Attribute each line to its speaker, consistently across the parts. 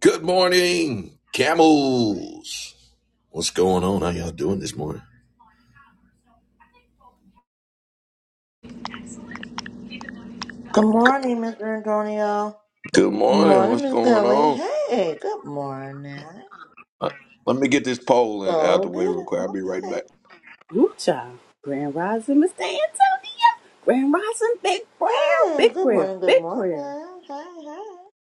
Speaker 1: Good morning, camels. What's going on? How y'all doing this morning?
Speaker 2: Good morning, Mr. Antonio.
Speaker 1: Good
Speaker 2: Good
Speaker 1: morning. What's
Speaker 2: morning, Miss
Speaker 1: going
Speaker 2: Kelly.
Speaker 1: on?
Speaker 2: Hey, good morning.
Speaker 1: Uh, Let me get this poll in out
Speaker 2: Go
Speaker 1: the
Speaker 2: good.
Speaker 1: way real quick. I'll be right
Speaker 2: Okay.
Speaker 1: back.
Speaker 3: Whoop child. Grand Rising, Mr. Antonio. Grand Rising, big prayer,
Speaker 2: Hey,
Speaker 3: big
Speaker 2: good
Speaker 3: prayer,
Speaker 2: morning, good
Speaker 3: big prayer.
Speaker 2: morning. Hey,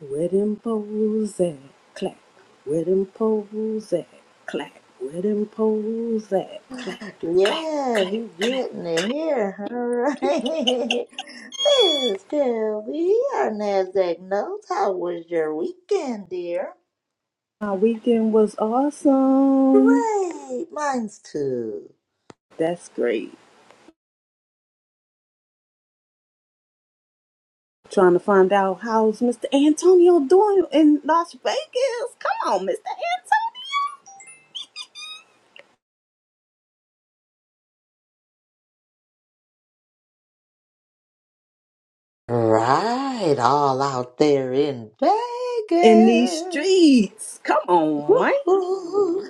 Speaker 3: Where them poles at? Clap. Where them poles at? Clap. Where them poles at? clack,
Speaker 2: hey.
Speaker 3: clack.
Speaker 2: Yeah,
Speaker 3: clap,
Speaker 2: he
Speaker 3: clap,
Speaker 2: getting it
Speaker 3: clap.
Speaker 2: here. All right. Miss Kelly, our NASDAQ notes. How was your weekend, dear?
Speaker 3: My weekend was awesome.
Speaker 2: Great. Mine's too.
Speaker 3: That's great. Trying to find out how's Mr. Antonio doing in Las Vegas. Come on, Mr. Antonio.
Speaker 2: Right. All out there in
Speaker 3: In these
Speaker 2: Vegas.
Speaker 3: streets. Come on, man.
Speaker 2: Woohoo.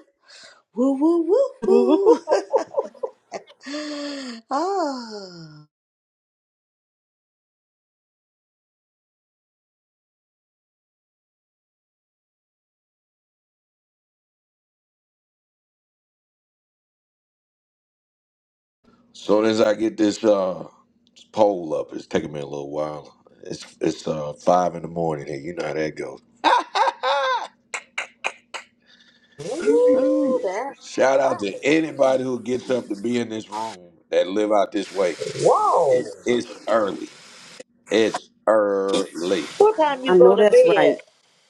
Speaker 2: Woo woo woo woo. oh,
Speaker 1: As soon as I get this uh this poll up, it's taking me a little while. It's it's uh five in the morning here. You know how that goes.
Speaker 2: Ooh,
Speaker 1: Ooh.
Speaker 2: that's
Speaker 1: Shout out
Speaker 2: right.
Speaker 1: to anybody who gets up to be in this room that live out this way.
Speaker 2: Whoa.
Speaker 1: 'Cause it's early. It's early.
Speaker 2: what time you
Speaker 3: I
Speaker 2: go
Speaker 3: know
Speaker 2: to
Speaker 3: that's
Speaker 2: bed?
Speaker 3: right.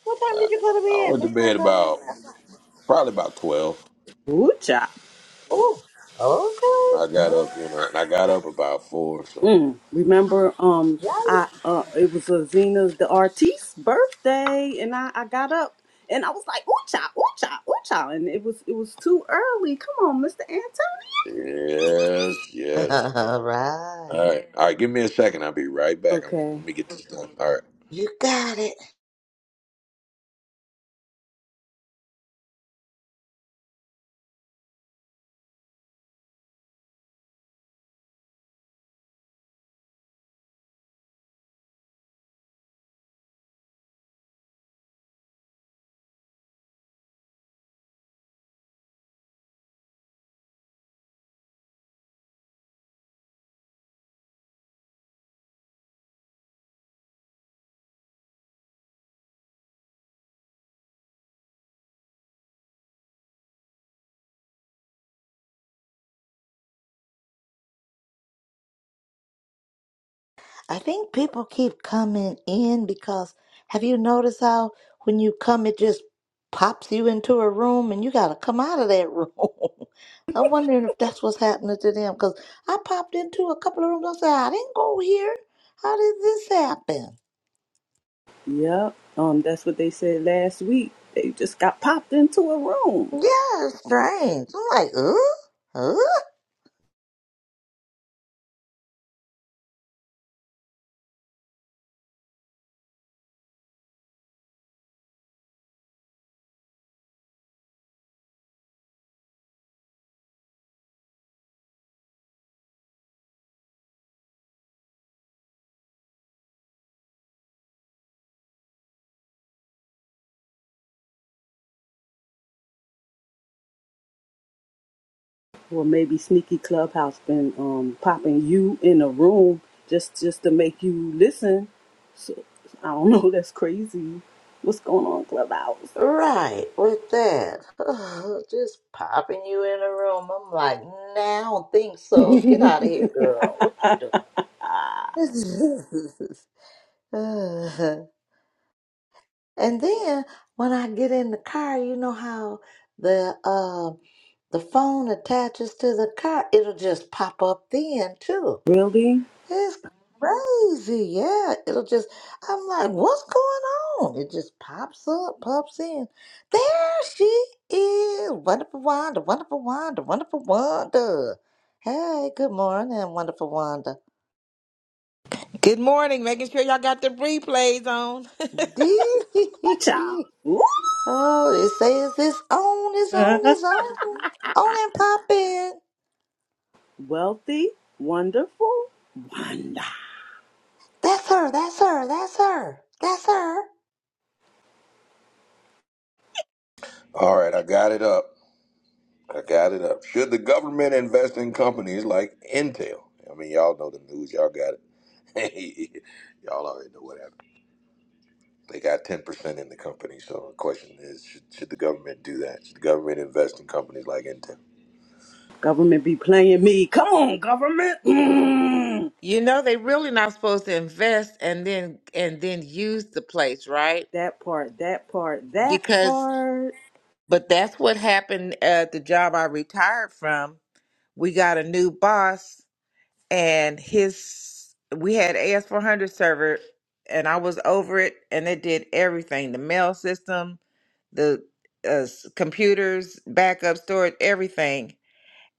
Speaker 2: What time
Speaker 1: Uh,
Speaker 2: did you go to
Speaker 1: I
Speaker 2: bed,
Speaker 1: went to
Speaker 2: Mister
Speaker 1: bed
Speaker 2: Antonio?
Speaker 1: about
Speaker 2: Last night.
Speaker 1: probably about twelve.
Speaker 3: Ooh, child.
Speaker 2: Oh,
Speaker 1: And I got
Speaker 2: Okay.
Speaker 1: up, you know, and I got up about four. So
Speaker 3: Mm. Remember, um, I
Speaker 2: Mm,
Speaker 3: uh, it was uh, Zena's the artist's birthday, and I I got up and I was like, ooh, child, ooh, child, ooh, child, and it was it was too early. Come on, Mister Anthony.
Speaker 1: yes,
Speaker 2: Yeah.
Speaker 1: yes.
Speaker 2: all
Speaker 1: All
Speaker 2: right.
Speaker 1: right, all right. Give me a second. I'll be right back. I'm
Speaker 3: Okay.
Speaker 1: let me get this done. All right,
Speaker 2: You got it. I think people keep coming in because have you noticed how when you come, it just pops you into a room and you got to come out of that room? I'm wondering if that's what's happening to them because I popped into a couple of rooms. I said, I didn't go here. How did this happen?
Speaker 3: Yep. Um, that's what they said last week. They just got popped into a room.
Speaker 2: Yeah, it's strange. I'm like, uh, uh.
Speaker 3: Or maybe sneaky clubhouse been um, popping you in a room just just to make you listen. So I don't know. That's crazy. What's going on, clubhouse?
Speaker 2: Right, with that. just popping you in a room. I'm like, nah, I don't think so. Get out of here, girl. What you doing? Uh, and then when I get in the car, you know how the uh, the phone attaches to the car, it'll just pop up then too.
Speaker 3: Really?
Speaker 2: It's crazy, yeah. It'll just I'm like, what's going on? It just pops up, pops in. There she is. Wonderful Wanda, wonderful Wanda, wonderful Wanda. Hey, good morning, wonderful Wanda.
Speaker 4: Good morning. Making sure y'all got the replays on.
Speaker 3: cha. Ooh.
Speaker 2: Oh, they say it's this on, it's on, it's on. On and pop in.
Speaker 3: Wealthy, wonderful, wonder.
Speaker 2: That's her, that's her, that's her, that's her.
Speaker 1: all right. I got it up. I got it up. Should the government invest in companies like Intel? I mean, y'all know the news. Y'all got it. y'all already know what happened. They got ten percent in the company. So the question is, should, should the government do that? Should the government invest in companies like Intel?
Speaker 3: Government be playing me. Come on, government. Mm.
Speaker 4: You know they really not supposed to invest and then and then use the place, right?
Speaker 3: That part, that part, that
Speaker 4: Because
Speaker 3: part.
Speaker 4: but that's what happened at the job I retired from. We got a new boss and his we had AS400 server and I was over it and it did everything, the mail system, the uh, s- computers, backup storage, everything.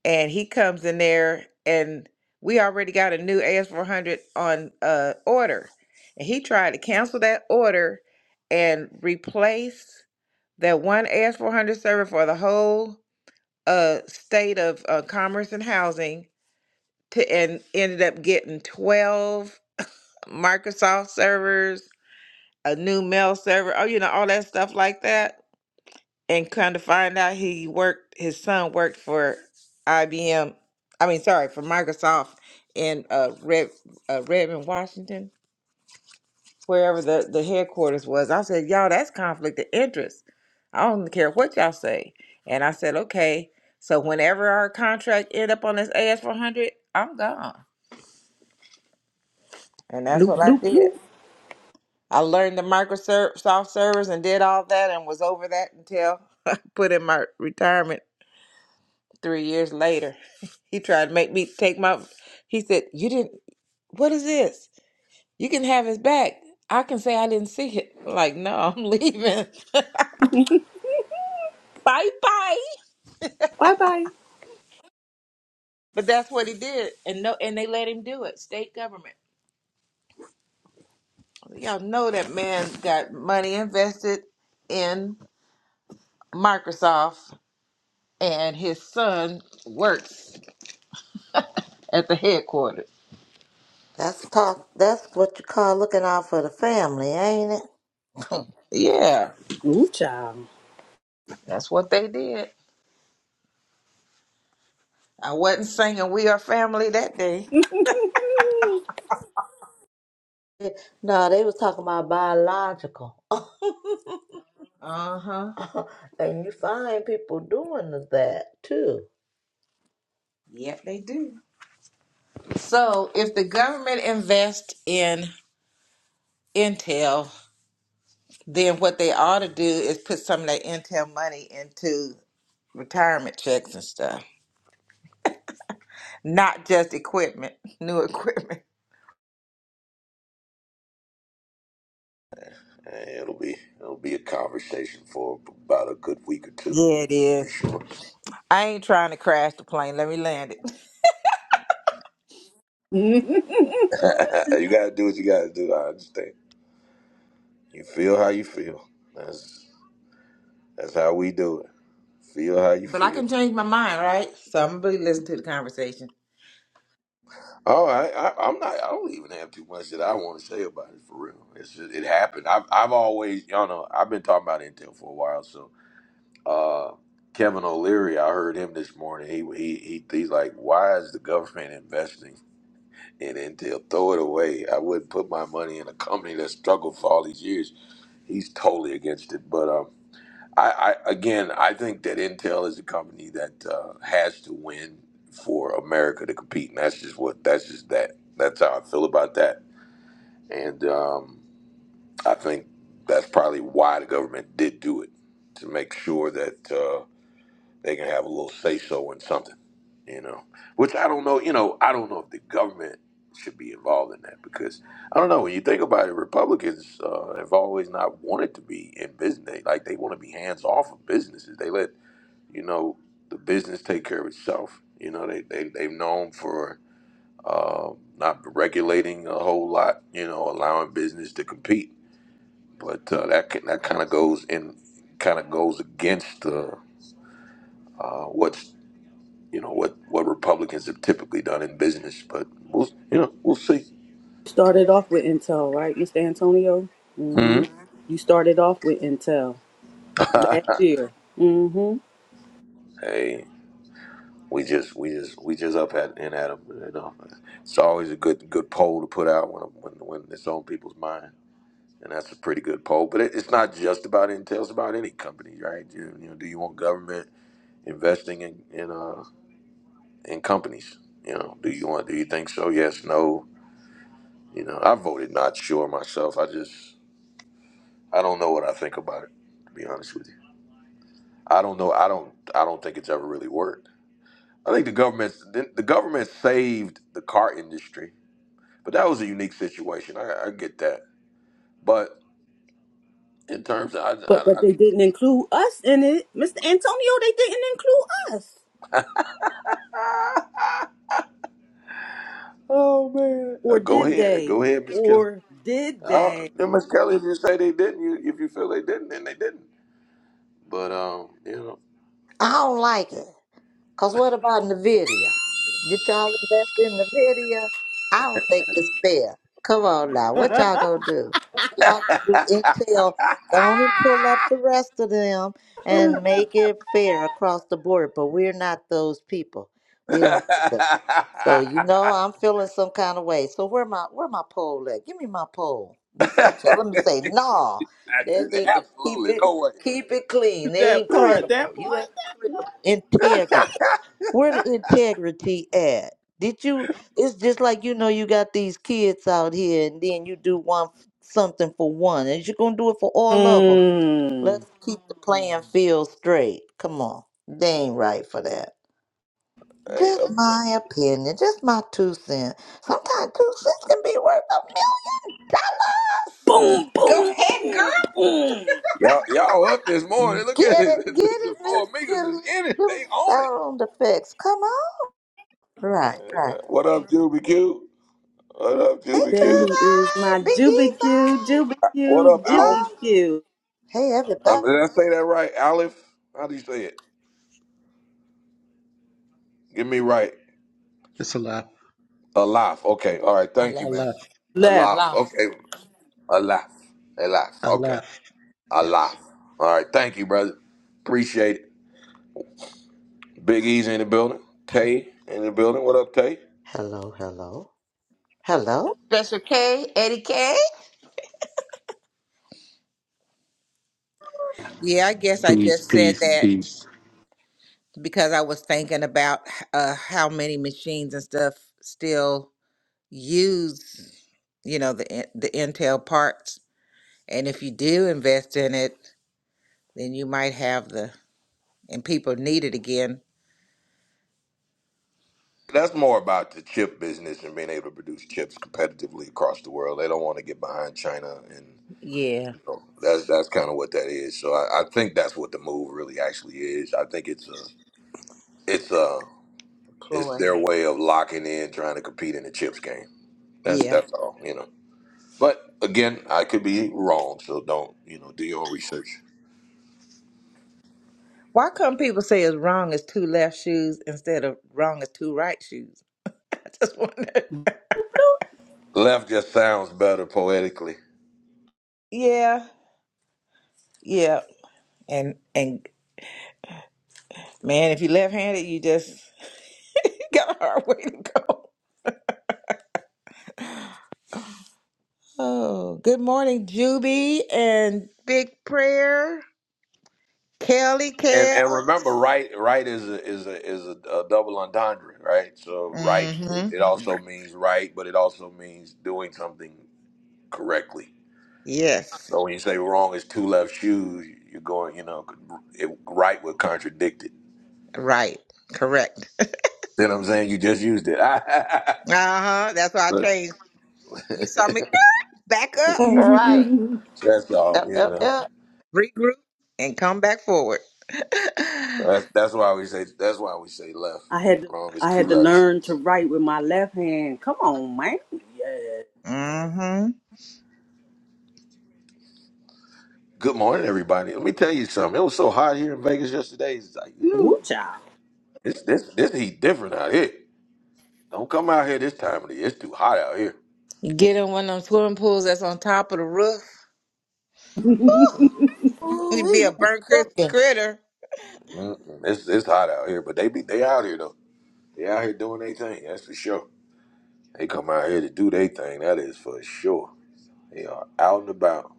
Speaker 4: and he comes in there and we already got a new AS400 on uh order and he tried to cancel that order and replace that one AS400 server for the whole uh state of uh, commerce and housing to and ended up getting 12 Microsoft servers, a new mail server, oh you know all that stuff like that and kind of find out he worked his son worked for IBM I mean sorry for Microsoft in uh Red uh, Redmond Washington wherever the the headquarters was I said y'all that's conflict of interest I don't care what y'all say and I said okay so whenever our contract end up on this AS400 I'm gone and that's
Speaker 3: Bloop,
Speaker 4: what I
Speaker 3: bloop,
Speaker 4: did
Speaker 3: bloop.
Speaker 4: I learned the Microsoft servers and did all that and was over that until I put in my retirement Three years later, he tried to make me take my. He said, "You didn't. What is this? You can have his back. I can say I didn't see it." Like, no, I'm leaving. bye bye.
Speaker 3: Bye bye.
Speaker 4: But that's what he did, and no, and they let him do it. State government. Y'all know that man got money invested in Microsoft, and his son works at the headquarters.
Speaker 2: That's talk that's what you call looking out for the family, ain't it?
Speaker 4: Yeah,
Speaker 3: Ooh, cha.
Speaker 4: that's what they did. I wasn't singing "We Are Family" that day.
Speaker 2: no, they was talking about biological.
Speaker 4: Uh huh.
Speaker 2: and you find people doing that too.
Speaker 4: Yep, they do. So if the government invests in Intel, then what they ought to do is put some of their Intel money into retirement checks and stuff, not just equipment, new equipment.
Speaker 1: And it'll be it'll be a conversation for about a good week or two
Speaker 4: Yeah, it
Speaker 1: for
Speaker 4: is.
Speaker 1: sure.
Speaker 4: I ain't trying to crash the plane. Let me land it.
Speaker 1: you gotta do what you gotta do. I understand. You feel how you feel. That's that's how we do it. Feel how you
Speaker 4: But I
Speaker 1: feel.
Speaker 4: can change my mind, right? So I'm gonna be listening to the conversation.
Speaker 1: All right, I, I'm not. I don't even have too much that I want to say about it for real. It's just, it happened. I've I've always y'all know I've been talking about Intel for a while. So uh, Kevin O'Leary, I heard him this morning. He he he he's like, why is the government investing in Intel? Throw it away. I wouldn't put my money in a company that struggled for all these years. He's totally against it, but um. I, I again, I think that Intel is a company that uh, has to win for America to compete, and that's just what that's just that. That's how I feel about that, and um, I think that's probably why the government did do it to make sure that uh, they can have a little say so in something, you know. Which I don't know, you know, I don't know if the government should be involved in that because I don't know. When you think about it, Republicans uh, have always not wanted to be in business. They, like they want to be hands off of businesses. They let you know, the business take care of itself. You know, they, they, they've known for uh, not regulating a whole lot, you know, allowing business to compete. But uh, that can, that kind of goes in, kind of goes against uh, uh, what's you know what what Republicans have typically done in business. But we'll you know we'll see.
Speaker 3: started off with Intel, right, Mr. Antonio? mm hmm
Speaker 1: hmm
Speaker 3: You started off with Intel last year. mm hmm
Speaker 1: hey, we just we just we just up at and at 'em, You know, it's always a good good poll to put out when when when it's on people's mind. and that's a pretty good poll. But it, it's not just about Intel; it's about any company, right? You, you know, do you want government investing in in, uh, in companies? You know, do you want? Do you think so? Yes, no. You know, I voted not sure myself. I just I don't know what I think about it. To be honest with you, I don't know. I don't I don't think it's ever really worked. I think the government the the government saved the car industry, but that was a unique situation. I, I get that, but in terms of I, I,
Speaker 3: But but
Speaker 1: I
Speaker 3: they didn't include us in it, Mr. Antonio. They didn't include us,
Speaker 1: oh man, Uh,
Speaker 3: or
Speaker 1: go
Speaker 3: did
Speaker 1: ahead,
Speaker 3: they?
Speaker 1: go ahead, Miss Kim.
Speaker 3: Or did
Speaker 1: I
Speaker 3: they?
Speaker 1: don't- Them Miss Kelly, if you say they didn't, you if you feel they didn't, then they didn't. But um, you know.
Speaker 2: I don't like it. Cause what about Nvidia? Did y'all invest in Nvidia? I don't think it's fair. Come on now, what
Speaker 3: that
Speaker 2: y'all gonna do? If y'all gonna do Intel, go on and pull up the rest of them and make it fair across the board. But we're not those people. We don't. do that. So you know I'm feeling some kind of way. So where my where my pole at? Give me my pole. Miss so let me say, no. They need to
Speaker 1: Castaway.
Speaker 2: keep it keep it clean. They ain't
Speaker 3: part.
Speaker 2: credible.
Speaker 3: That
Speaker 2: You
Speaker 3: part.
Speaker 2: ain't credible. Integrable. Where the integrity at? Did you it's just like you know you got these kids out here and then you do one f- something for one and you're gonna do it for all of them.
Speaker 3: Mm.
Speaker 2: Let's keep the playing field straight. Come on. They ain't right for that.
Speaker 1: Hey,
Speaker 2: Just
Speaker 1: um,
Speaker 2: my opinion, just my two cents. Sometimes two cents can be worth a
Speaker 3: Boom!
Speaker 4: Go
Speaker 3: Boom!
Speaker 4: ahead, girl.
Speaker 3: Boom! Boom!
Speaker 1: y'all, y'all up this
Speaker 2: million
Speaker 1: morning. Look at
Speaker 2: Get
Speaker 1: it.
Speaker 2: it, get
Speaker 1: The, the
Speaker 2: it,
Speaker 1: four
Speaker 2: Miss
Speaker 1: amigos is
Speaker 2: Kelly.
Speaker 1: in it.
Speaker 2: Them
Speaker 1: They own it.
Speaker 2: sound effects, come on. Right, right.
Speaker 1: What up, Juby Q? What up,
Speaker 2: Hey,
Speaker 1: Juby
Speaker 3: There
Speaker 1: Q?
Speaker 3: he is, my
Speaker 2: Julie, Big
Speaker 3: Juby Q,
Speaker 2: Easy,
Speaker 3: Juby
Speaker 1: What
Speaker 3: Q,
Speaker 1: up, Alf?
Speaker 3: Juby
Speaker 2: love.
Speaker 3: Q.
Speaker 2: Hey,
Speaker 1: Um,
Speaker 2: everybody.
Speaker 1: did I say that right? Aleph? How do you say it? Give me right.
Speaker 5: It's a left.
Speaker 1: Alaf. Okay. All right.
Speaker 4: I
Speaker 1: Thank
Speaker 5: A
Speaker 1: you,
Speaker 4: left.
Speaker 1: man.
Speaker 5: left.
Speaker 3: Left.
Speaker 1: Alaf.
Speaker 4: Lost.
Speaker 1: Okay. Alaf. Alaf.
Speaker 5: A
Speaker 1: Okay.
Speaker 5: left.
Speaker 1: Alaf.
Speaker 5: Yes.
Speaker 1: All right. Thank you, brother. Appreciate it. Big Easy in the building. Tay in the building. What up, Tay?
Speaker 2: Hello, hello, hello.
Speaker 4: Special K, Eddie K. Yeah, I guess I
Speaker 6: Peace,
Speaker 4: just said
Speaker 6: peace,
Speaker 4: that.
Speaker 6: peace.
Speaker 4: because I was thinking about uh, how many machines and stuff still use, you know, the in- the Intel parts. And if you do invest in it, then you might have the and people need it again.
Speaker 1: That's more about the chip business and being able to produce chips competitively across the world. They don't want to get behind China, and
Speaker 4: Yeah,
Speaker 1: you know, that's that's kind of what that is. So I, I think that's what the move really actually is. I think it's a it's a it's
Speaker 4: Chloe.
Speaker 1: their way of locking in, trying to compete in the chips game. That's
Speaker 4: Yeah.
Speaker 1: that's all, you know. But again, I could be wrong, so don't you know do your own research.
Speaker 4: Why come people say it's wrong is two left shoes instead of wrong is two right shoes? I just wonder.
Speaker 1: Left just sounds better poetically.
Speaker 4: Yeah, yeah. And and man, if you're left-handed, you just you got a hard way to go. Oh, good morning, Juby and Big Prayer, Kelly
Speaker 1: And and remember,
Speaker 4: Kales.
Speaker 1: right right is a, is a, is a, a double entendre, right? So right it,
Speaker 4: Mm-hmm.
Speaker 1: it also
Speaker 4: Right.
Speaker 1: means right, but it also means doing something correctly.
Speaker 4: Yes,
Speaker 1: So when you say wrong is two left shoes, you're going, you know, it, right would contradict it.
Speaker 4: right, correct.
Speaker 1: You know what I'm saying? You just used it.
Speaker 4: Uh huh. That's why I
Speaker 1: But-
Speaker 4: changed. You saw me
Speaker 1: yeah,
Speaker 4: back up,
Speaker 2: right.
Speaker 1: So, that's all.
Speaker 2: Yep,
Speaker 1: You
Speaker 2: yep,
Speaker 1: know,
Speaker 2: yep.
Speaker 4: regroup, and come back forward.
Speaker 1: that's that's why we say that's why we say left.
Speaker 3: I had to,
Speaker 1: Wrong is
Speaker 3: I
Speaker 1: two
Speaker 3: had to
Speaker 1: left.
Speaker 3: learn
Speaker 1: shoes.
Speaker 3: to write with my left hand. Come on, man. Yeah.
Speaker 4: mm-hmm.
Speaker 1: Good morning, everybody. Let me tell you something. It was so hot here in Vegas yesterday. It's like, ooh,
Speaker 3: Woo child.
Speaker 1: this this this heat different out here. Don't come out here this time of the year. It's too hot out here.
Speaker 4: You get in one of them swimming pools that's on top of the roof.
Speaker 1: Mm-mm,
Speaker 2: Ooh,
Speaker 4: You'd be
Speaker 2: wee,
Speaker 4: a
Speaker 2: you be
Speaker 4: burnt crispy
Speaker 2: cooking.
Speaker 4: critter.
Speaker 1: mm-mm. It's it's hot out here, but they be they out here though. They out here doing their thing. That's for sure. They come out here to do their thing. That is for sure. They are out and about,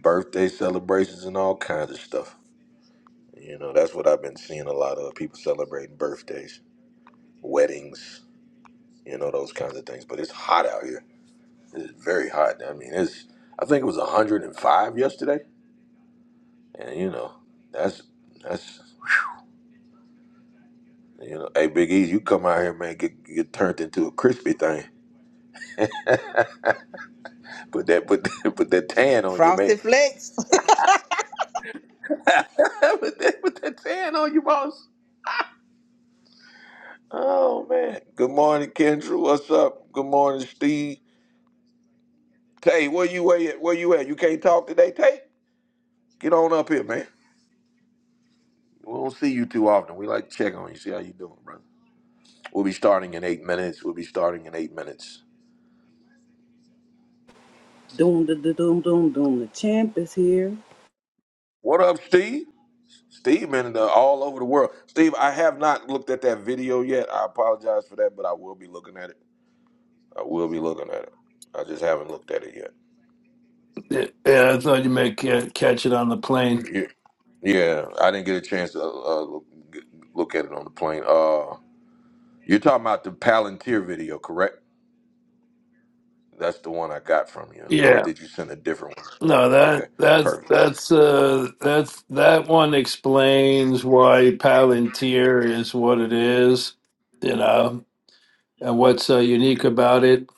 Speaker 1: birthday celebrations and all kinds of stuff. You know, that's what I've been seeing a lot of people celebrating birthdays, weddings. You know those kinds of things. But it's hot out here. It's very hot. I mean, it's. I think it was 105 yesterday, and you know, that's that's you know, hey Big E, you come out here, man, get get turned into a crispy thing. put that put that, put that tan on you, man.
Speaker 4: Frosted flakes.
Speaker 1: put that put that tan on you, boss. Oh man. Good morning, Kendra. What's up? Good morning, Steve. Tay, where you at? Where you at? You can't talk today, Tay. Get on up here, man. We don't see you too often. We like to check on you, see how you doing, bro. We'll be starting in eight minutes. We'll be starting in eight minutes.
Speaker 3: Doom da da doom doom doom. The champ is here.
Speaker 1: What up, Steve? Steve been uh, all over the world. Steve, I have not looked at that video yet. I apologize for that, but I will be looking at it. I will be looking at it. I just haven't looked at it yet.
Speaker 7: Yeah, yeah, I thought you might ca- catch it on the plane.
Speaker 1: Yeah, yeah, I didn't get a chance to uh, uh, look, look at it on the plane. Uh, you're talking about the Palantir video, correct? That's the one I got from you, or
Speaker 7: Yeah,
Speaker 1: did you send a different one?
Speaker 7: no, that
Speaker 1: Okay,
Speaker 7: that's
Speaker 1: perfect.
Speaker 7: that's uh that's that one explains why Palantir is what it is, you know, and what's uh, unique about it.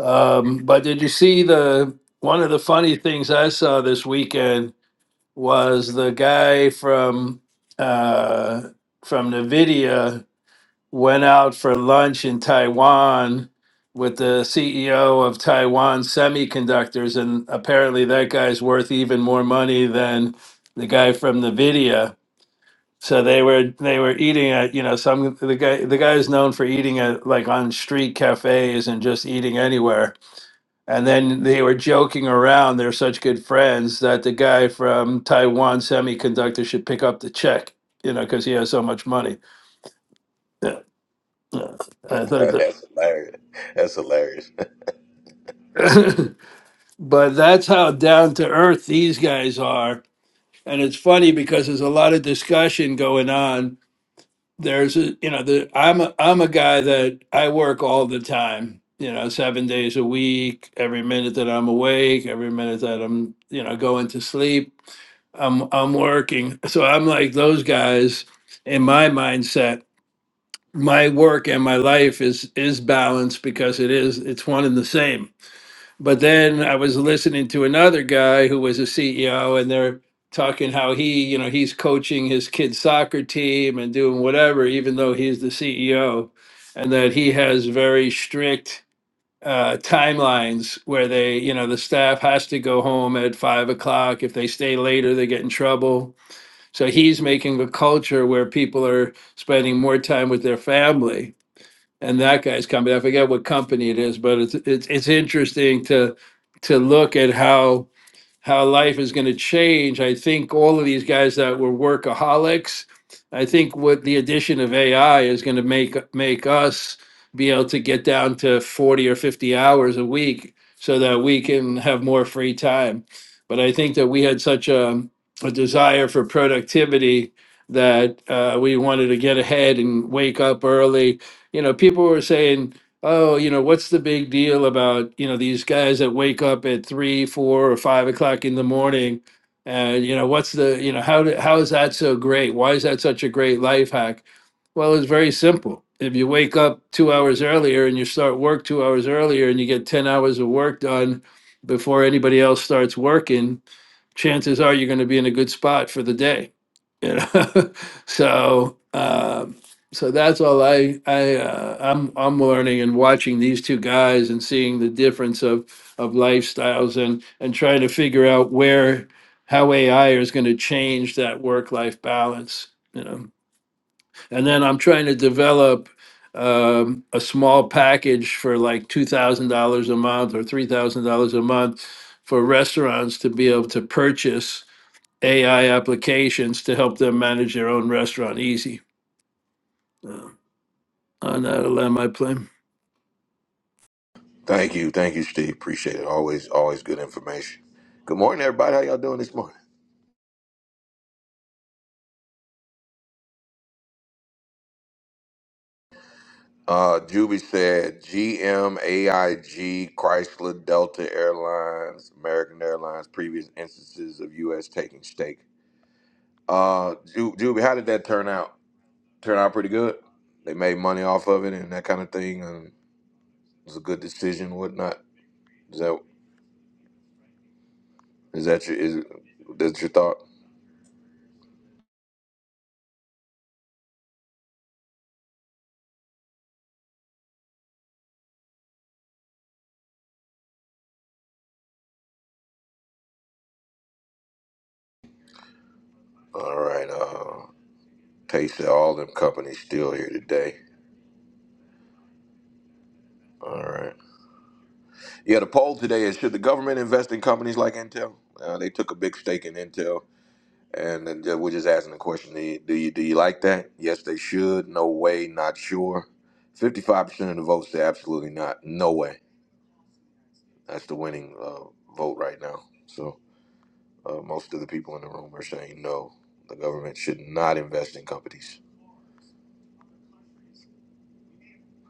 Speaker 7: Um, but did you see the one of the funny things I saw this weekend was the guy from uh from NVIDIA went out for lunch in Taiwan with the CEO of Taiwan Semiconductors, and apparently that guy's worth even more money than the guy from Nvidia. So they were they were eating at you know some the guy the guy is known for eating at like on street cafes and just eating anywhere. And then they were joking around. They're such good friends that the guy from Taiwan Semiconductor should pick up the check, you know, because he has so much money. Yeah, yeah. I thought that.
Speaker 1: That's hilarious. That's hilarious.
Speaker 7: but that's how down to earth these guys are and it's funny because there's a lot of discussion going on there's a you know the i'm a, i'm a guy that i work all the time you know 7 days a week every minute that i'm awake every minute that i'm you know going to sleep i'm i'm working so i'm like those guys in my mindset my work and my life is is balanced because it is it's one and the same but then I was listening to another guy who was a CEO, and they're talking how he, you know, he's coaching his kid's soccer team and doing whatever, even though he's the CEO, and that he has very strict uh, timelines where they, you know, the staff has to go home at five o'clock. If they stay later, they get in trouble. So he's making a culture where people are spending more time with their family and that guy's company. I forget what company it is, but it's it's it's interesting to to look at how how life is going to change. I think all of these guys that were workaholics, I think what the addition of AI is going to make make us be able to get down to 40 or 50 hours a week so that we can have more free time. But I think that we had such a, a desire for productivity that uh, we wanted to get ahead and wake up early. You know, people were saying, oh, you know, what's the big deal about, you know, these guys that wake up at three, four, or five o'clock in the morning? And, you know, what's the, you know, how, do, how is that so great? Why is that such a great life hack? Well, it's very simple. If you wake up two hours earlier and you start work two hours earlier and you get 10 hours of work done before anybody else starts working, chances are you're going to be in a good spot for the day you know so um so that's all i i uh, i'm i'm learning and watching these two guys and seeing the difference of of lifestyles and and trying to figure out where how ai is going to change that work life balance you know and then i'm trying to develop um, a small package for like $2000 a month or $3000 a month for restaurants to be able to purchase AI applications to help them manage their own restaurant easy. Uh, on that, I'll land my plane.
Speaker 1: Thank you, thank you, Steve. Appreciate it. Always, always good information. Good morning, everybody. How y'all doing this morning? Uh, Juby said GM, AIG, Chrysler, Delta Airlines, American Airlines. Previous instances of U.S. taking stake. Uh, Ju- Juby, how did that turn out? Turn out pretty good. They made money off of it and that kind of thing, and it was a good decision, and whatnot. Is that is that your is that's your thought? All right. Uh, Tay said all them companies still here today. All right. Yeah, the poll today is should the government invest in companies like Intel? Uh, they took a big stake in Intel, and then we're just asking the question: do you, do you do you like that? Yes, they should. No way. Not sure. Fifty-five percent of the votes say absolutely not. No way. That's the winning uh, vote right now. So uh, most of the people in the room are saying no. The government should not invest in companies.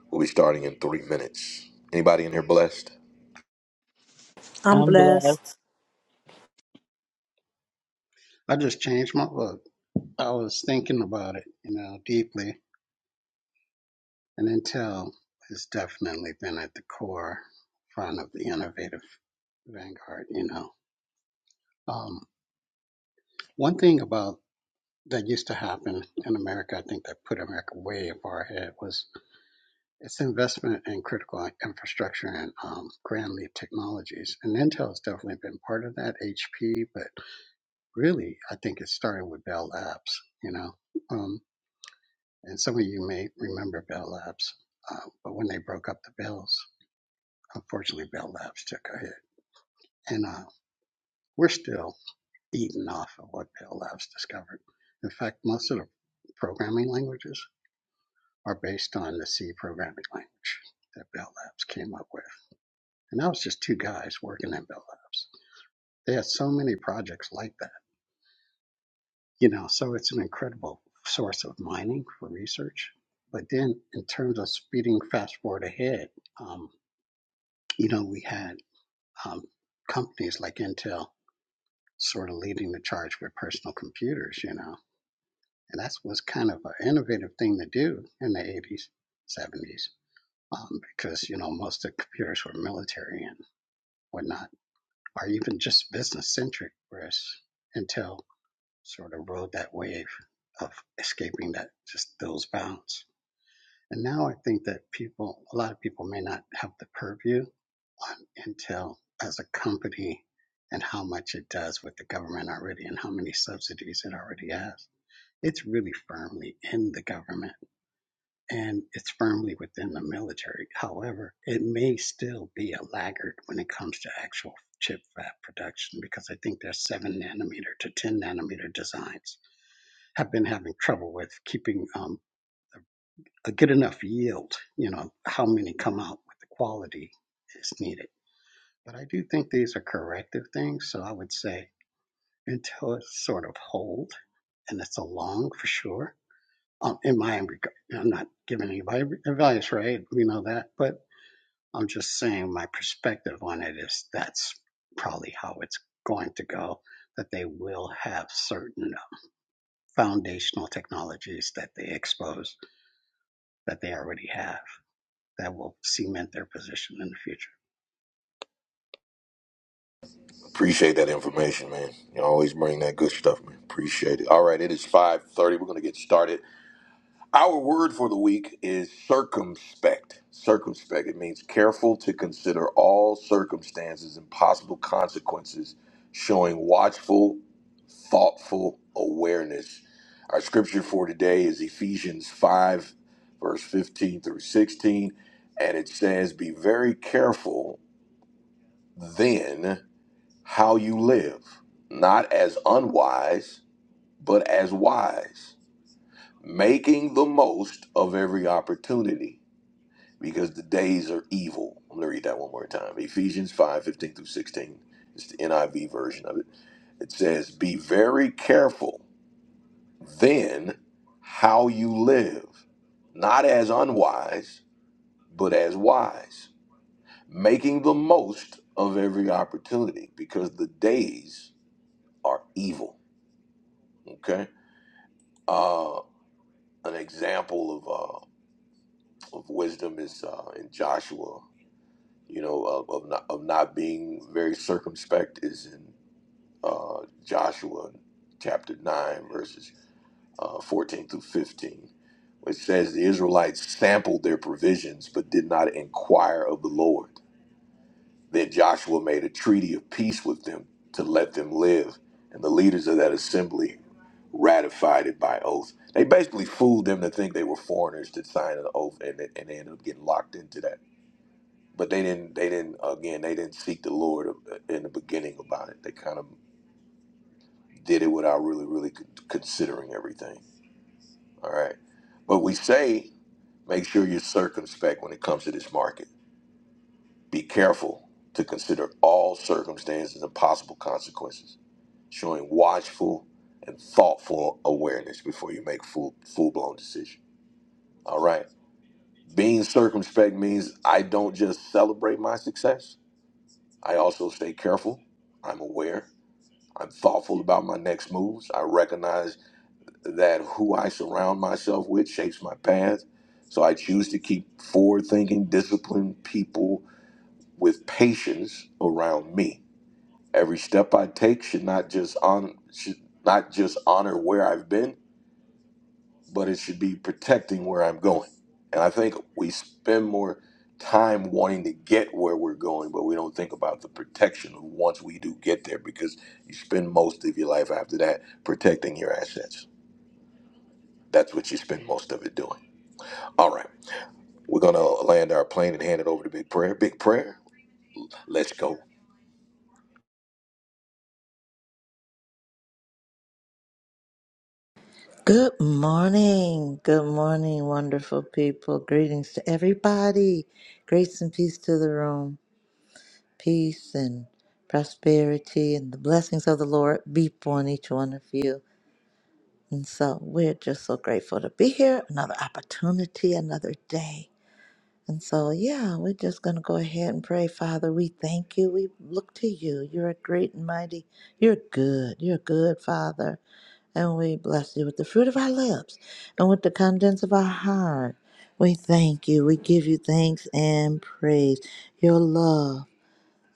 Speaker 1: We'll be starting in three minutes. Anybody in here blessed?
Speaker 3: I'm
Speaker 8: I'm blessed.
Speaker 3: blessed.
Speaker 5: I just changed my look. I was thinking about it, you know, deeply. And Intel has definitely been at the core front of the innovative vanguard, you know. Um, one thing about that used to happen in America, I think that put America way far ahead was its investment in critical infrastructure and um, grand leap technologies. And Intel's definitely been part of that, HP, but. really, I think it started with Bell Labs, you know. Um, and some of you may remember Bell Labs, uh, but when they broke up the Bells, unfortunately, Bell Labs took a hit. And uh, we're still eating off of what Bell Labs discovered. In fact, most of the programming languages are based on the C programming language that Bell Labs came up with. And that was just two guys working in Bell Labs. They had so many projects like that you know so it's an incredible source of mining for research but then in terms of speeding fast forward ahead um, you know we had um, companies like intel sort of leading the charge with personal computers you know and that was kind of an innovative thing to do in the 80s 70s um, because you know most of the computers were military and whatnot or even just business centric whereas intel sort of rode that wave of escaping that just those bounds And now I think that people, a lot of people may not have the purview on Intel as a company and how much it does with the government already and how many subsidies it already has. It's really firmly in the government and it's firmly within the military. However, it may still be a laggard when it comes to actual chip fab production because I think their 7 nanometer to 10 nanometer designs have been having trouble with keeping um, the a good enough yield. You know, how many come out with the quality is needed. But I do think these are corrective things. So I would say until it's sort of hold and it's a long for sure. Um, in my regard, I'm not giving anybody advice, right? We know that, but I'm just saying my perspective on it is that's probably how it's going to go. That they will have certain foundational technologies that they expose that they already have that will cement their position in the future.
Speaker 1: Appreciate that information, man. You always bring that good stuff, man. Appreciate it. All right, it is 5:30. We're going to get started. Our word for the week is circumspect. Circumspect. It means careful to consider all circumstances and possible consequences, showing watchful, thoughtful awareness. Our scripture for today is Ephesians 5 verse 15 through 16, and it says, "Be very careful then how you live, not as unwise, but as wise, making the most of every opportunity because the days are evil. I'm going to read that one more time. Ephesians 5 15 through 16. It's the NIV version of it. It says, Be very careful then how you live, not as unwise, but as wise, making the most of every opportunity because the days are evil. Okay? Uh, an example of uh, of wisdom is uh, in Joshua. You know, of of not, of not being very circumspect is in uh, Joshua chapter nine, verses uh, fourteen through fifteen, which says the Israelites sampled their provisions but did not inquire of the Lord. Then Joshua made a treaty of peace with them to let them live, and the leaders of that assembly ratified it by oath. They basically fooled them to think they were foreigners to sign an oath, and, they- and they ended up getting locked into that. But they didn't. They didn't. Again, they didn't seek the Lord in the beginning about it. They kind of did it without really, really con- considering everything. All right. But we say, make sure you're circumspect when it comes to this market. Be careful to consider all circumstances and possible consequences showing watchful and thoughtful awareness before you make full full blown decision. All right. Being circumspect means I don't just celebrate my success. I also stay careful. I'm aware. I'm thoughtful about my next moves. I recognize that who I surround myself with shapes my path. So I choose to keep forward thinking, disciplined people with patience around me. Every step I take should not just on should not just honor where I've been, but it should be protecting where I'm going. And I think we spend more time wanting to get where we're going, but we don't think about the protection of once we do get there because you spend most of your life after that protecting your assets. That's what you spend most of it doing. All right, we're going to land our plane and hand it over to Big Prayer. Big Prayer, let's go.
Speaker 2: Good morning. Good morning, wonderful people. Greetings to everybody. Grace and peace to the room. peace and prosperity and the blessings of the Lord be upon each one of you. And so we're just so grateful to be here. Another opportunity, another day. And so, yeah, we're just going to go ahead and pray. Father, we thank you. We look to you. You're a great and mighty. You're good. You're good, Father. And we bless you with the fruit of our lips and with the contents of our heart. We thank you. We give you thanks and praise. Your love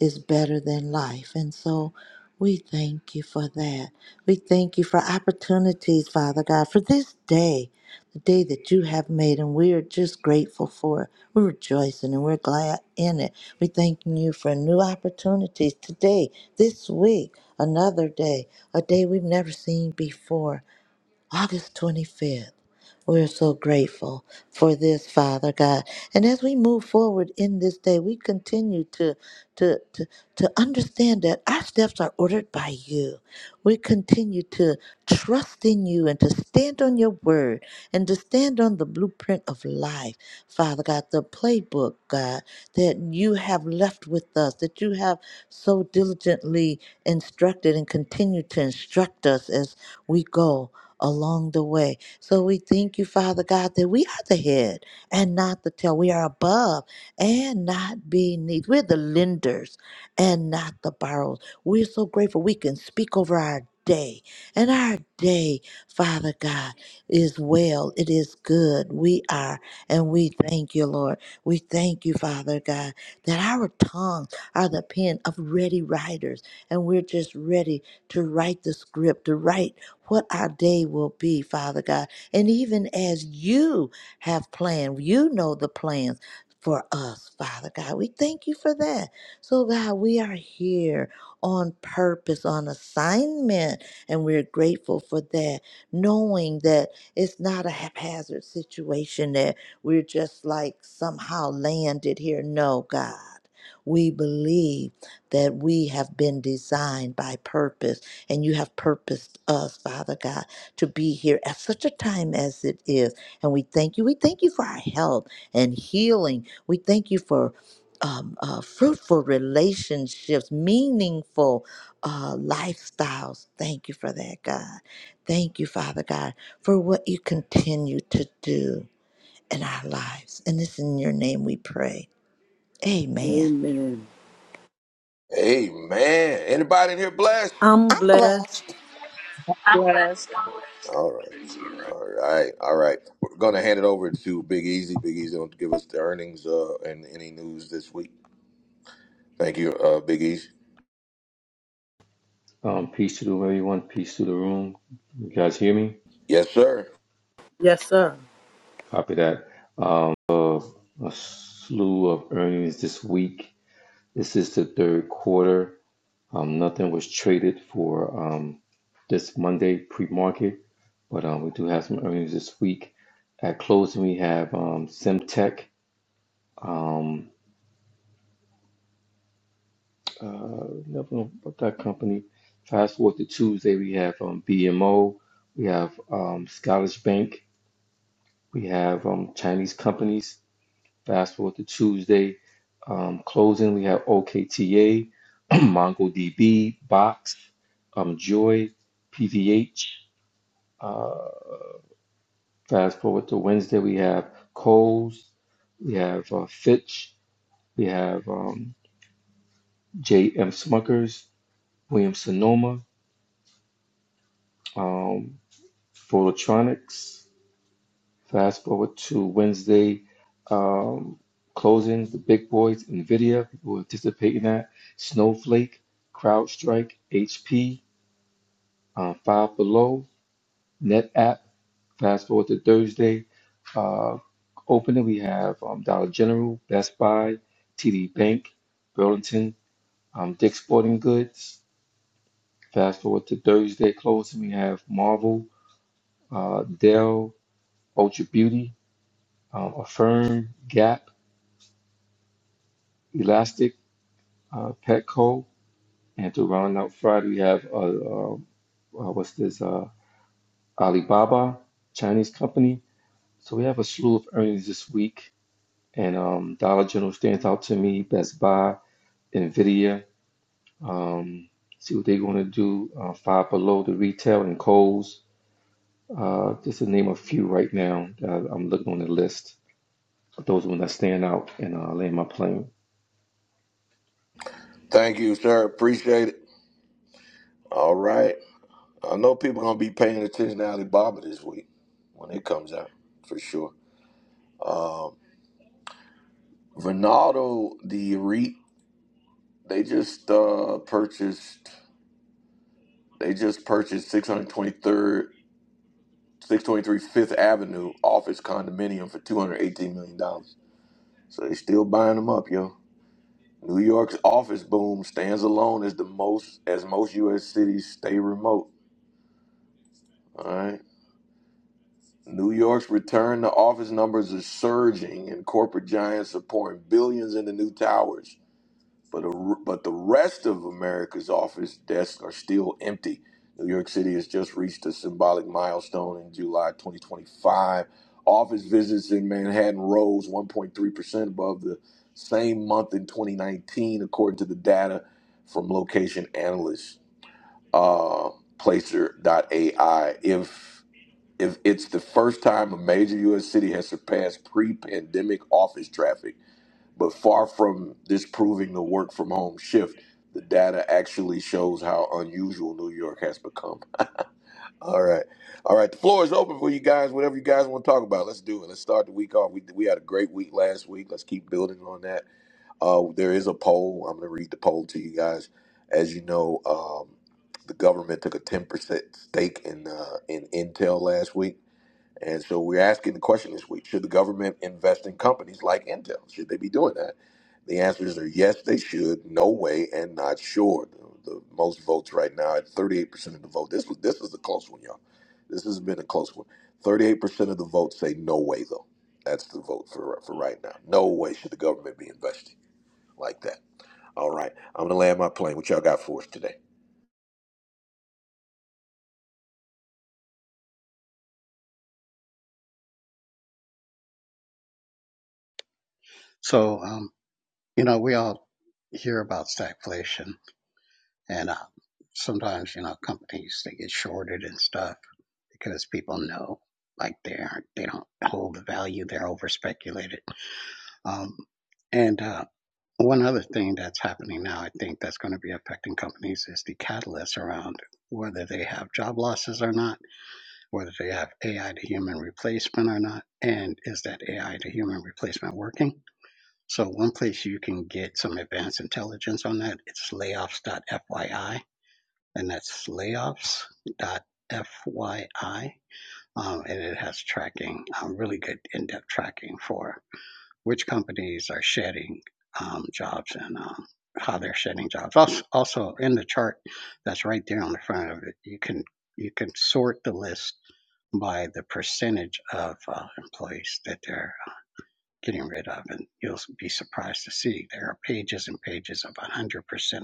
Speaker 2: is better than life. And so we thank you for that. We thank you for opportunities, Father God, for this day, the day that you have made, and we are just grateful for it. We're rejoicing and we're glad in it. We thank you for new opportunities today, this week, another day, a day we've never seen before. August 25th. We're so grateful for this, Father God. And as we move forward in this day, we continue to, to, to, to understand that our steps are ordered by you. We continue to trust in you and to stand on your word and to stand on the blueprint of life, Father God, the playbook, God, that you have left with us, that you have so diligently instructed and continue to instruct us as we go along the way. So we thank you, Father God, that we are the head and not the tail. We are above and not beneath. We're the lenders and not the borrowers. We're so grateful we can speak over our day. And our day, Father God, is well. It is good. We are, and we thank you, Lord. We thank you, Father God, that our tongues are the pen of ready writers, and we're just ready to write the script, to write what our day will be, Father God. And even as you have planned, you know the plans for us, Father God. We thank you for that. So, God, we are here on purpose, on assignment, and we're grateful for that, knowing that it's not a haphazard situation that we're just like somehow landed here. No, God. We believe that we have been designed by purpose and you have purposed us, Father God, to be here at such a time as it is. And we thank you. We thank you for our health and healing. We thank you for um, uh, fruitful relationships, meaningful uh, lifestyles. Thank you for that, God. Thank you, Father God, for what you continue to do in our lives. And it's in your name we pray. Amen.
Speaker 3: Amen.
Speaker 1: Amen. Anybody in here blessed?
Speaker 3: I'm
Speaker 2: I'm
Speaker 3: blessed.
Speaker 2: blessed.
Speaker 9: I'm
Speaker 8: Blessed.
Speaker 9: blessed.
Speaker 1: All right. All right. All right. We're going to hand it over to Big Easy. Big Easy will give us the earnings uh, and any news this week. Thank you, uh, Big Easy.
Speaker 6: Um, peace to the everyone. Peace to the room. You guys hear me?
Speaker 1: Yes, sir.
Speaker 3: Yes, sir.
Speaker 6: Copy that. Um, uh, a slew of earnings this week. This is the third quarter. Um, nothing was traded for um, this Monday pre-market, but um, we do have some earnings this week. At closing, we have um, Simtech. Uh, never know about that company. Fast forward to Tuesday, we have um, BMO, we have um, Scottish Bank, we have um, Chinese companies. Fast forward to Tuesday, um, closing, we have OKTA, MongoDB, Box, um, Joy, PVH. Uh, fast forward to Wednesday, we have Kohl's, we have uh, Fitch, we have um, JM Smuckers, Williams Sonoma. Um, for electronics. Fast forward to Wednesday um, closings, the big boys, NVIDIA, people were anticipating that, Snowflake, CrowdStrike, HP, uh, Five Below, NetApp. Fast forward to Thursday, uh, opening, we have um, Dollar General, Best Buy, TD Bank, Burlington, um, Dick's Sporting Goods. Fast forward to Thursday closing, we have Marvel, uh, Dell, Ultra Beauty, um, Affirm, Gap, Elastic, uh, Petco, and to round out Friday, we have uh, uh, uh, what's this? Uh, Alibaba, Chinese company. So we have a slew of earnings this week, and um, Dollar General stands out to me. Best Buy, Nvidia. Um, see what they're going to do. Uh, five Below, the retail, and Kohl's. Uh, just to name a few right now that I'm looking on the list. Those are the ones that stand out, and uh, land my plane.
Speaker 1: Thank you, sir. Appreciate it. All right. I know people are going to be paying attention to Alibaba this week when it comes out, for sure. Um, Ronaldo, the REIT, they just uh, purchased. They just purchased 623rd, six twenty three Fifth Avenue office condominium for $218 million. dollars. So they still buying them up, yo. New York's office boom stands alone as the most as most US cities stay remote. All right. New York's return to office numbers are surging and corporate giants are pouring billions into new towers. but a, but the rest of America's office desks are still empty. New York City has just reached a symbolic milestone in July 2025. Office visits in Manhattan rose 1.3% above the same month in 2019, according to the data from location analyst uh, AI. If if it's the first time a major U.S. city has surpassed pre-pandemic office traffic. But far from disproving the work from home shift, the data actually shows how unusual New York has become. All right. All right. The floor is open for you guys. Whatever you guys want to talk about, let's do it. Let's start the week off. We, we had a great week last week. Let's keep building on that. Uh, there is a poll. I'm going to read the poll to you guys. As you know, um, the government took a 10% stake in, uh, in Intel last week and so we're asking the question this week should the government invest in companies like Intel? Should they be doing that? The answers are yes, they should, no way, and not sure. The, the most votes right now at 38% of the vote. This was this is a close one, y'all. This has been a close one. 38% of the votes say no way, though. That's the vote for for right now. No way should the government be investing like that. All right, I'm gonna land my plane. What y'all got for us today?
Speaker 5: So, um, you know, we all hear about stagflation, and uh, sometimes you know companies they get shorted and stuff because people know like they aren't they don't hold the value they're over speculated. Um, and uh, one other thing that's happening now, I think that's going to be affecting companies is the catalyst around whether they have job losses or not, whether they have AI to human replacement or not, and is that AI to human replacement working? So one place you can get some advanced intelligence on that, it's layoffs.fyi, and that's layoffs.fyi. Um, and it has tracking, um, really good in-depth tracking for which companies are shedding um, jobs and um, how they're shedding jobs. Also, also in the chart that's right there on the front of it, you can you can sort the list by the percentage of uh, employees that they're getting rid of. And you'll be surprised to see there are pages and pages of 100%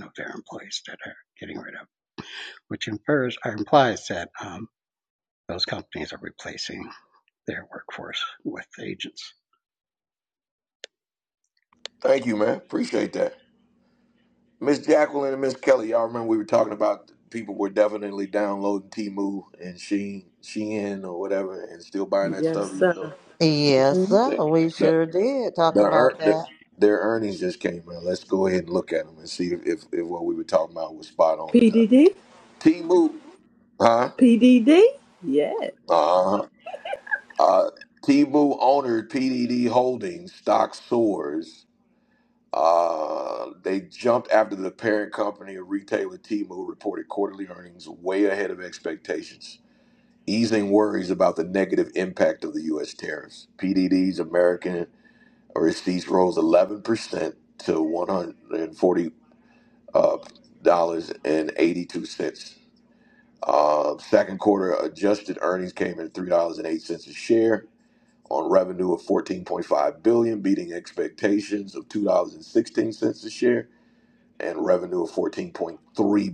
Speaker 5: of their employees that are getting rid of, which infers or implies that um, those companies are replacing their workforce with agents.
Speaker 1: Thank you, man. Appreciate that. Miss Jacqueline and Miss Kelly, y'all remember we were talking about people were definitely downloading Timu and Sheen, Shein or whatever, and still buying that
Speaker 3: Yes,
Speaker 1: stuff. Even though
Speaker 3: sir.
Speaker 2: Yes,
Speaker 3: Mhm.
Speaker 2: sir.
Speaker 1: the
Speaker 2: We
Speaker 1: the,
Speaker 2: sure did talk
Speaker 1: the,
Speaker 2: about
Speaker 1: ear- the
Speaker 2: that.
Speaker 1: their earnings just came out. Let's go ahead and look at them and see if, if, if what we were talking about was spot on or not.
Speaker 3: PDD?
Speaker 1: Timu, huh?
Speaker 3: Yeah.
Speaker 1: Uh huh. Uh, Timu owner PDD Holdings stock soars. Uh, they jumped after the parent company of retailer Temu reported quarterly earnings way ahead of expectations, easing worries about the negative impact of the U.S. tariffs. PDD's American receipts rose 11% to $140.82. Uh, second quarter adjusted earnings came in at $3.08 a share on revenue of 14.5 billion, dollars, beating expectations of $2.16 a share and revenue of 14.3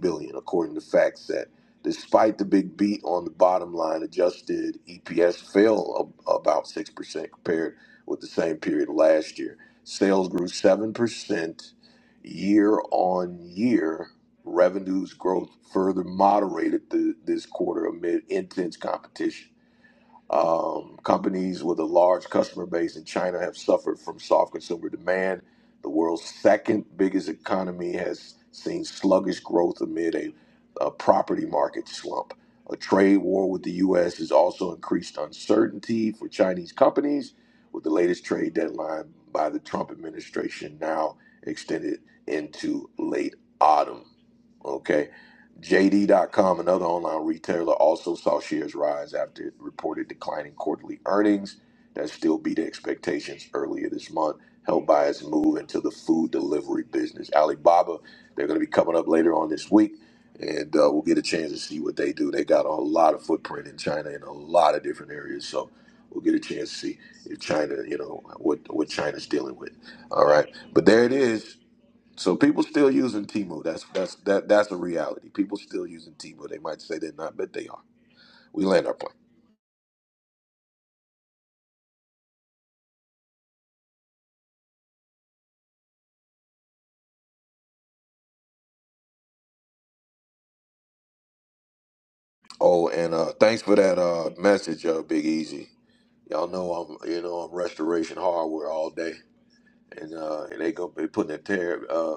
Speaker 1: billion dollars, according to FactSet. Despite the big beat on the bottom line, adjusted EPS fell a- about 6% compared with the same period last year. Sales grew 7% year on year. Revenues growth further moderated th- this quarter amid intense competition um, companies with a large customer base in China have suffered from soft consumer demand. The world's second biggest economy has seen sluggish growth amid a, a property market slump. A trade war with the U.S. has also increased uncertainty for Chinese companies, with the latest trade deadline by the Trump administration now extended into late autumn. Okay. JD.com, another online retailer, also saw shares rise after it reported declining quarterly earnings that still beat expectations earlier this month, helped by its move into the food delivery business. Alibaba, they're going to be coming up later on this week, and uh, we'll get a chance to see what they do. They got a lot of footprint in China in a lot of different areas, so we'll get a chance to see if China, you know, what what China's dealing with. All right, but there it is. So people still using Timo. That's that's that that's a reality. People still using Timo. They might say they're not, but they are. We land our plane. Oh, and uh thanks for that uh message, uh Big Easy. Y'all know I'm you know I'm restoration hardware all day. And uh and they gonna be putting a tariff uh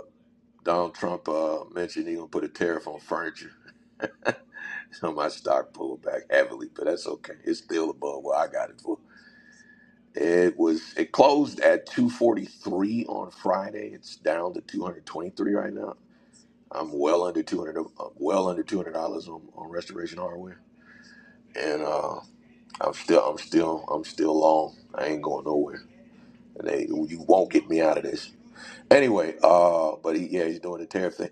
Speaker 1: Donald Trump uh mentioned he gonna put a tariff on furniture. So my stock pulled back heavily, but that's okay. It's still above what I got it for. It was it closed at 243 on Friday. It's down to 223 right now. I'm well under two hundred, well under two hundred dollars on, on restoration hardware, and uh, I'm still, I'm still, I'm still long. I ain't going nowhere, and they, you won't get me out of this. Anyway, uh, but he, yeah, he's doing the tariff thing.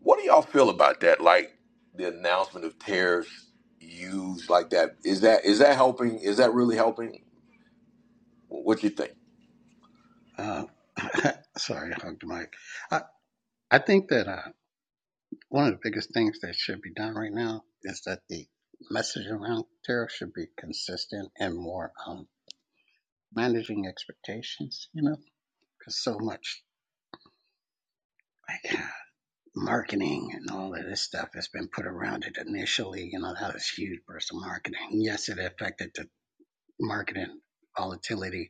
Speaker 1: What do y'all feel about that? Like the announcement of tariffs used like that is that is that helping? Is that really helping? What you think?
Speaker 5: Uh, sorry, I hugged the mic. I, I think that uh, one of the biggest things that should be done right now is that the message around tariffs should be consistent and more um, managing expectations, you know, because so much. I marketing and all of this stuff that's been put around it initially, you know, that was huge burst of marketing. Yes, it affected the marketing volatility,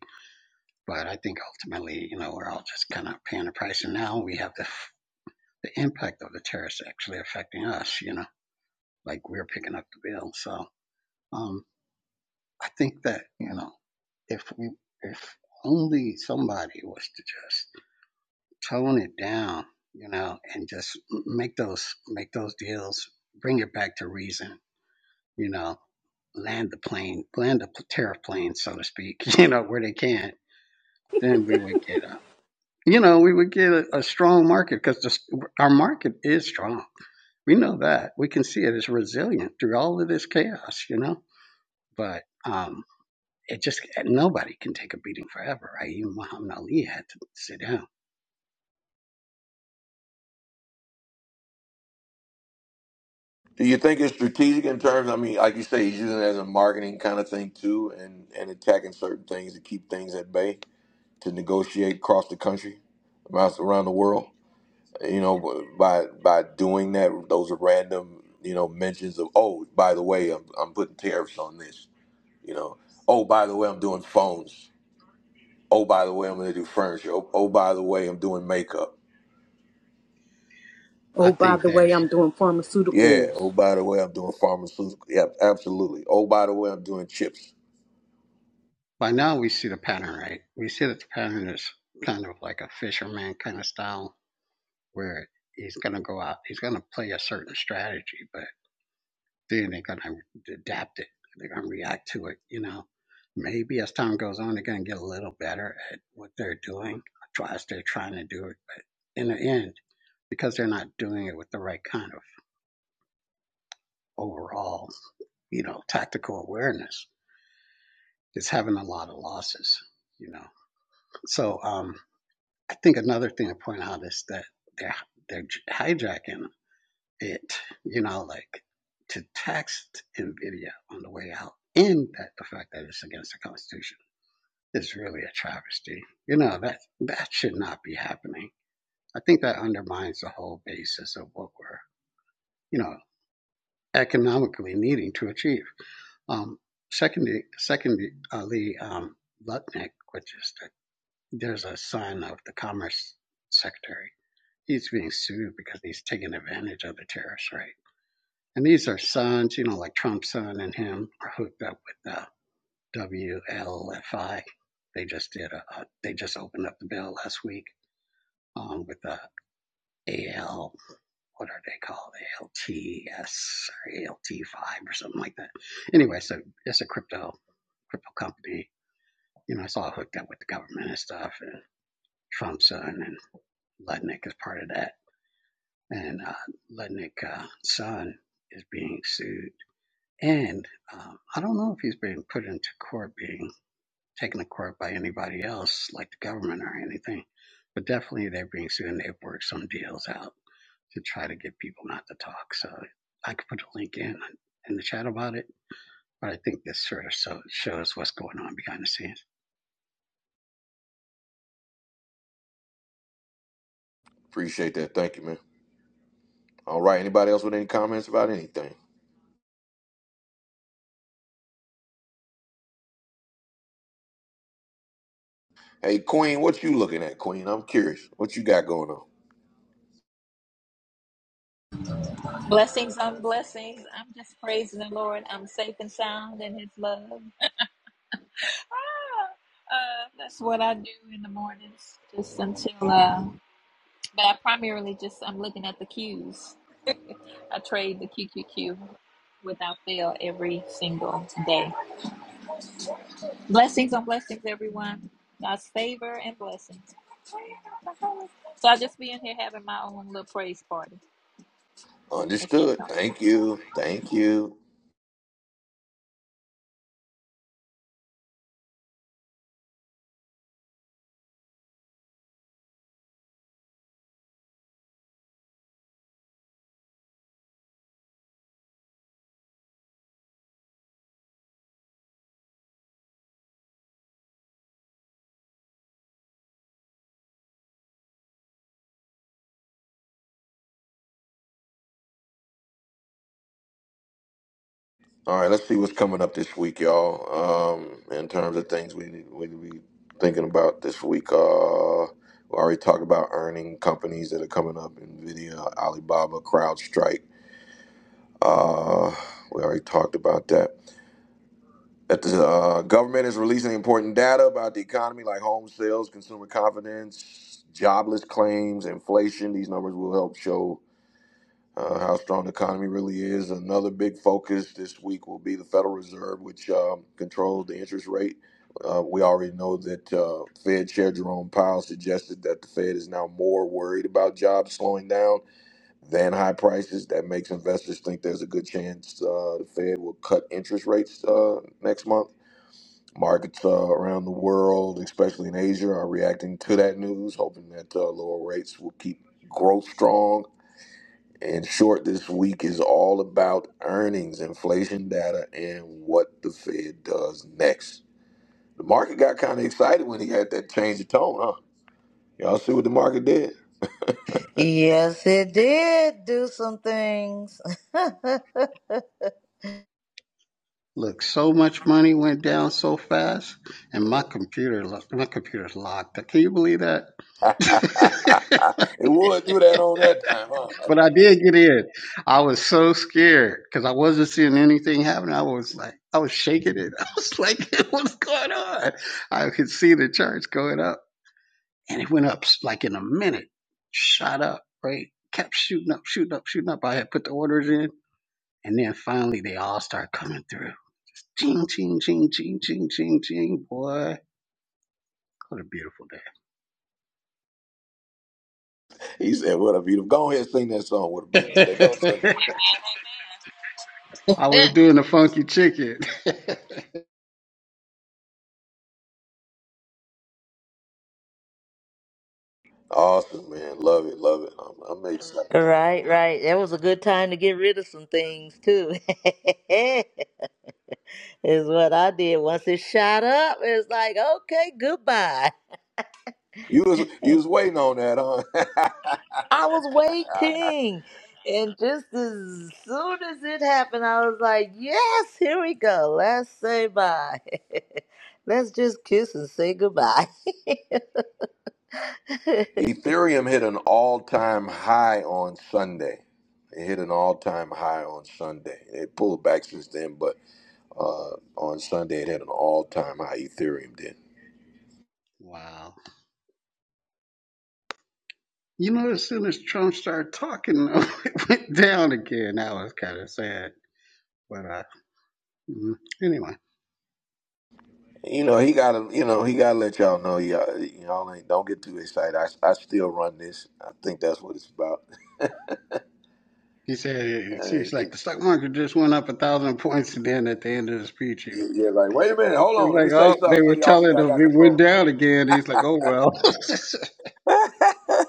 Speaker 5: but I think ultimately, you know, we're all just kind of paying the price. And now we have the, the impact of the tariffs actually affecting us, you know, like we're picking up the bill. So um, I think that, you know, if we, if only somebody was to just tone it down, you know, and just make those, make those deals, bring it back to reason you know, land the plane, land the tariff plane, so to speak, you know, where they can, not then we would get a, you know, we would get a, a strong market because our market is strong. We know that. We can see it is resilient through all of this chaos, you know, but um, it just, nobody can take a beating forever, right? Even Muhammad Ali had to sit down.
Speaker 1: Do you think it's strategic in terms? I mean, like you say, he's using it as a marketing kind of thing too, and and attacking certain things to keep things at bay to negotiate across the country, around the world. You know, by by doing that, those are random, you know, mentions of oh, by the way, I'm I'm putting tariffs on this. You know, oh, by the way, I'm doing phones. Oh, by the way, I'm going to do furniture. Oh, oh, by the way, I'm doing makeup.
Speaker 5: I
Speaker 3: Oh, by
Speaker 5: think
Speaker 3: the way,
Speaker 5: there's,
Speaker 3: I'm doing
Speaker 1: Yeah.
Speaker 3: pharmaceuticals.
Speaker 1: Oh, by the way, I'm doing pharmaceutical. Yeah, absolutely. Oh, by the way, I'm doing chips.
Speaker 5: by now we see the pattern, right? We see that the pattern is kind of like a fisherman kind of style where he's going to go out, he's going to play a certain strategy, but then they're going to adapt it. They're going to react to it. You know, maybe as time goes on, they're going to get a little better at what they're doing, try as they're trying to do it. But in the end, because they're not doing it with the right kind of overall, you know, tactical awareness, it's having a lot of losses. You know, so um, I think another thing to point out is that they're they're hijacking it, you know, like to text NVIDIA on the way out and that the fact that it's against the Constitution is really a travesty. You know, that that should not be happening. I think that undermines the whole basis of what we're, you know, economically needing to achieve. Um, secondly, secondly, um, Lutnick, which is the, there's a son of the Commerce Secretary. He's being sued because he's taking advantage of the tariffs, right? And these are sons, you know, like Trump's son and him are hooked up with uh, WLFI. They just did a, a, they just opened up the bill last week um, with the AL, what are they called? ALTS or ALT5 or something like that. Anyway, so it's a crypto, crypto company. You know, it's all hooked up with the government and stuff. And Trump's son and Lednick is part of that. And uh, Lednick uh, son is being sued And um, I don't know if he's being put into court, being taken to court by anybody else, like the government or anything, but definitely they're being sued and they've worked some deals out to try to get people not to talk. So I could put a link in in the chat about it, but I think this sort of so, shows what's going on behind the scenes.
Speaker 1: Appreciate that. Thank you, man. All right. Anybody else with any comments about anything? Hey, Queen, what you looking at, Queen? I'm curious. What you got going on?
Speaker 9: Blessings on blessings. I'm just praising the Lord. I'm safe and sound in His love. Ah, uh, that's what I do in the mornings, just until. Uh, but I primarily just I'm looking at the cues. I trade the QQQ without fail every single day. Blessings on blessings, everyone. God's favor and blessings. So I just be in here having my own little praise party. That's it.
Speaker 1: Understood. Thank you. Thank you. All right, let's see what's coming up this week, y'all. Um, in terms of things we need we need thinking about this week. Uh we already talked about earning companies that are coming up, Nvidia, Alibaba, CrowdStrike. Uh we already talked about that. That the uh, government is releasing important data about the economy like home sales, consumer confidence, jobless claims, inflation. These numbers will help show uh, how strong the economy really is. Another big focus this week will be the Federal Reserve, which um, controls the interest rate. Uh, we already know that uh, Fed Chair Jerome Powell suggested that the Fed is now more worried about jobs slowing down than high prices. That makes investors think there's a good chance uh, the Fed will cut interest rates uh, next month. Markets uh, around the world, especially in Asia, are reacting to that news, hoping that uh, lower rates will keep growth strong in short, this week is all about earnings, inflation data, and what the Fed does next. The market got kind of excited when he had that change of tone, huh? Y'all see what the market did?
Speaker 2: Yes, it did do some things. right,
Speaker 5: Look, so much money went down so fast, and my computer, lo- my computer's locked. Can you believe that?
Speaker 1: it would do that on that time, huh?
Speaker 5: But I did get in. I was so scared because I wasn't seeing anything happen. I was like, I was shaking it. I was like, what's going on? I could see the church going up and it went up like in a minute, shot up, right? Kept shooting up, shooting up, shooting up. I had put the orders in and then finally they all start coming through. Ching, ching, ching, ching, ching, ching, ching, boy. What a beautiful day.
Speaker 1: He said, "What a beautiful! Go ahead, and sing that song. What a beautiful day. Go and sing. it.
Speaker 9: Amen.
Speaker 5: I was doing the funky chicken.
Speaker 1: Awesome, man. Love it, love it. I'm, I'm excited.
Speaker 2: right. That was a good time to get rid of some things too. is what I did. Once it shot up, it's like, okay, goodbye.
Speaker 1: You was you
Speaker 2: I
Speaker 1: was waiting on that, huh?
Speaker 2: was waiting. And just as soon as it happened, I was like, yes, here we go. Let's say bye. Let's just kiss and say goodbye.
Speaker 1: Ethereum hit an all time high on Sunday. It hit an all time high on Sunday. It pulled back since then, but uh, on Sunday it hit an all time high. Ethereum did.
Speaker 5: wow. You know, as soon as Trump started talking, though, it went down again. That was kind of sad. But uh, mm, anyway,
Speaker 1: You know he gotta. You know he gotta let y'all know. Y'all, y'all ain't, don't get too excited. I, I still run this. I think that's what it's about.
Speaker 5: he said,
Speaker 1: And
Speaker 5: she's
Speaker 1: it-
Speaker 5: like,
Speaker 1: it-
Speaker 5: the stock market just went up a thousand points. And then at the end of the speech, he
Speaker 1: yeah, like wait a minute, hold on.
Speaker 5: was
Speaker 1: Let me
Speaker 5: like,
Speaker 1: say
Speaker 5: oh, they
Speaker 1: something so
Speaker 5: were
Speaker 1: y'all can see
Speaker 5: telling
Speaker 1: I
Speaker 5: him
Speaker 1: got
Speaker 5: it went
Speaker 1: control.
Speaker 5: down again. He's like, oh, well, that's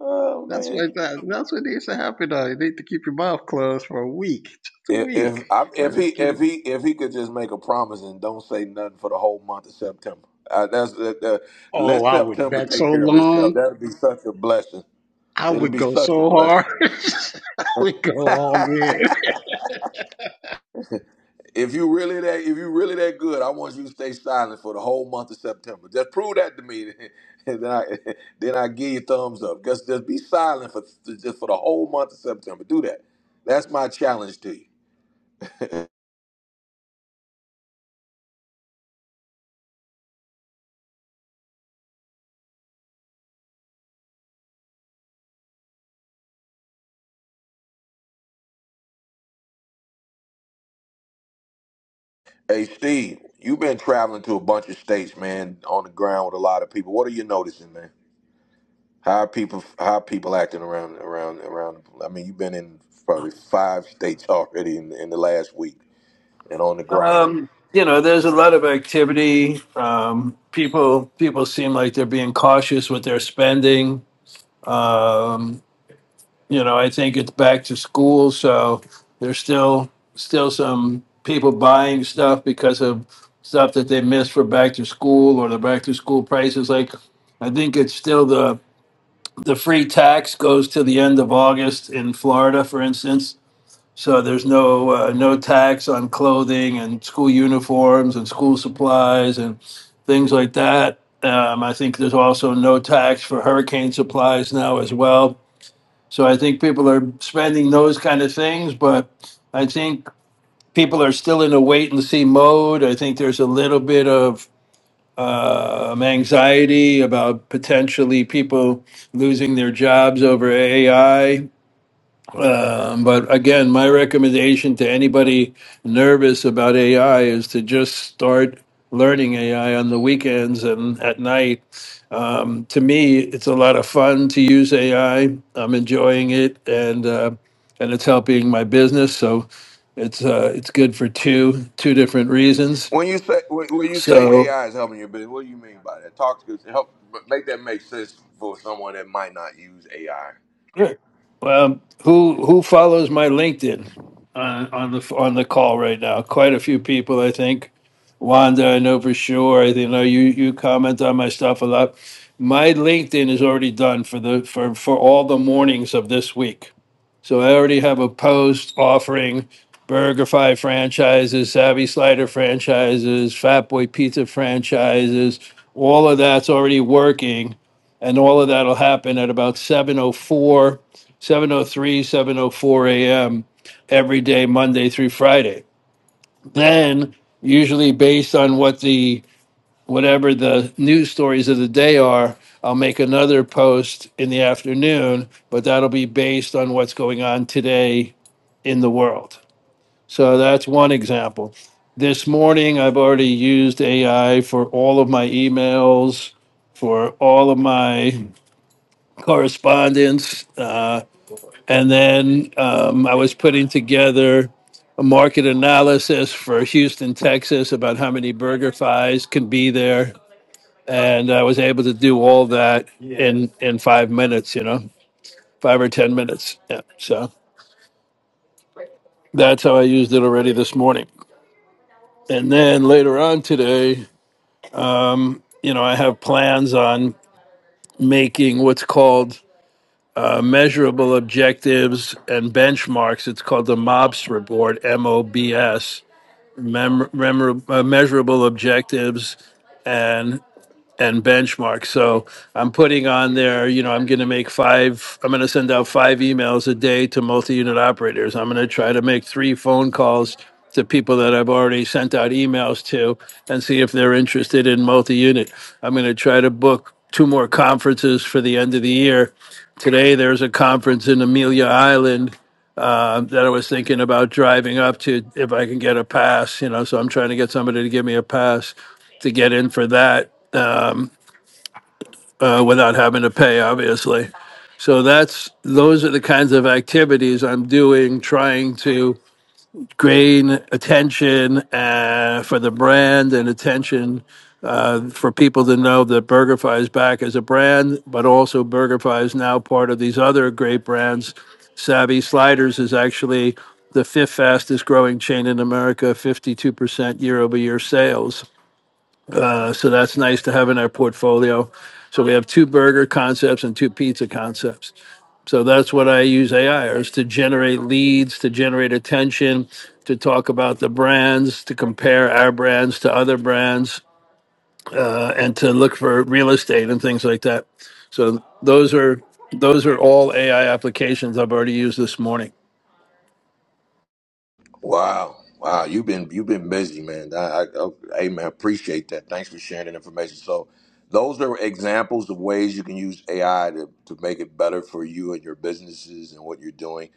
Speaker 1: Oh man.
Speaker 5: what that's what needs to happen. Though. You need to keep your mouth closed for a week, just a
Speaker 1: If
Speaker 5: week.
Speaker 1: if I, if he
Speaker 5: Let's get it.
Speaker 1: if he if he could just make a promise and don't say nothing for the whole month of September, uh, that's that uh,
Speaker 5: Oh,
Speaker 1: let
Speaker 5: I would
Speaker 1: September
Speaker 5: bet so
Speaker 1: take care of
Speaker 5: long.
Speaker 1: itself. That'd be such a blessing.
Speaker 5: I
Speaker 1: It'd
Speaker 5: would
Speaker 1: be
Speaker 5: go
Speaker 1: such a
Speaker 5: so
Speaker 1: blessing.
Speaker 5: hard. I would go all in.
Speaker 1: If you really that if you really that good, I want you to stay silent for the whole month of September. Just prove that to me, and then I then I give you thumbs up. Just just be silent for just for the whole month of September. Do that. That's my challenge to you. Hey Steve, you've been traveling to a bunch of states, man, on the ground with a lot of people. What are you noticing, man? How are people how are people acting around around around? I mean, you've been in probably five states already in, in the last week and on the ground.
Speaker 7: Um, you know, there's a lot of activity. Um, people people seem like they're being cautious with their spending. Um, you know, I think it's back to school, so there's still still some people buying stuff because of stuff that they missed for back to school or the back to school prices. Like, I think it's still the the free tax goes to the end of August in Florida, for instance. So there's no uh, no tax on clothing and school uniforms and school supplies and things like that. Um, I think there's also no tax for hurricane supplies now as well. So I think people are spending those kind of things, but I think people are still in a wait and see mode. I think there's a little bit of uh, um, anxiety about potentially people losing their jobs over AI. Um, but again, my recommendation to anybody nervous about AI is to just start learning AI on the weekends and at night. Um, to me, it's a lot of fun to use AI. I'm enjoying it, and uh, and it's helping my business. So it's uh, it's good for two two different reasons.
Speaker 1: When you say when when you
Speaker 7: So.
Speaker 1: say AI is helping your business, what do you mean by that? Talk to help make that make sense for someone that might not use AI.
Speaker 7: Sure. Um, who who follows my LinkedIn on, on the on the call right now? Quite a few people, I think. Wanda, I know for sure. I think, you know you you comment on my stuff a lot. My LinkedIn is already done for the for for all the mornings of this week. So I already have a post offering BurgerFi franchises, Savvy Slider franchises, Fat Boy Pizza franchises. All of that's already working, and all of that'll happen at about 7:04, 7:03, 7:04 a.m. every day, Monday through Friday. Then, usually based on what the whatever the news stories of the day are, I'll make another post in the afternoon, but that'll be based on what's going on today in the world. So that's one example. This morning, I've already used AI for all of my emails, for all of my correspondence. Uh, and then um, I was putting together a market analysis for Houston, Texas about how many burger thighs can be there. And I was able to do all that in, in five minutes, you know, five or 10 minutes. Yeah. So that's how I used it already this morning. And then later on today, um, you know, I have plans on making what's called uh, measurable objectives and benchmarks. It's called the MOBS report, M O B S, mem- remor- uh, measurable objectives and. and benchmark. So I'm putting on there, you know, I'm going to make five, I'm going to send out five emails a day to multi unit operators. I'm going to try to make three phone calls to people that I've already sent out emails to and see if they're interested in multi unit. I'm going to try to book two more conferences for the end of the year. Today, there's a conference in Amelia Island um, that I was thinking about driving up to if I can get a pass, you know. So I'm trying to get somebody to give me a pass to get in for that uh, without having to pay, obviously. So that's those are the kinds of activities I'm doing, trying to gain attention uh, for the brand and attention uh, for people to know that BurgerFi is back as a brand, but also BurgerFi is now part of these other great brands. Savvy Sliders is actually the fifth fastest growing chain in America, 52% year over year sales. So that's nice to have in our portfolio. So we have two burger concepts and two pizza concepts. So that's what I use AI is to generate leads, to generate attention, to talk about the brands, to compare our brands to other brands, uh, and to look for real estate and things like that. So those are those are all AI applications I've already used this morning.
Speaker 1: Wow. Wow. You've been you've been busy, man. I, I, I, hey, man, appreciate that. Thanks for sharing that information. So those are examples of ways you can use AI to, to make it better for you and your businesses and what you're doing.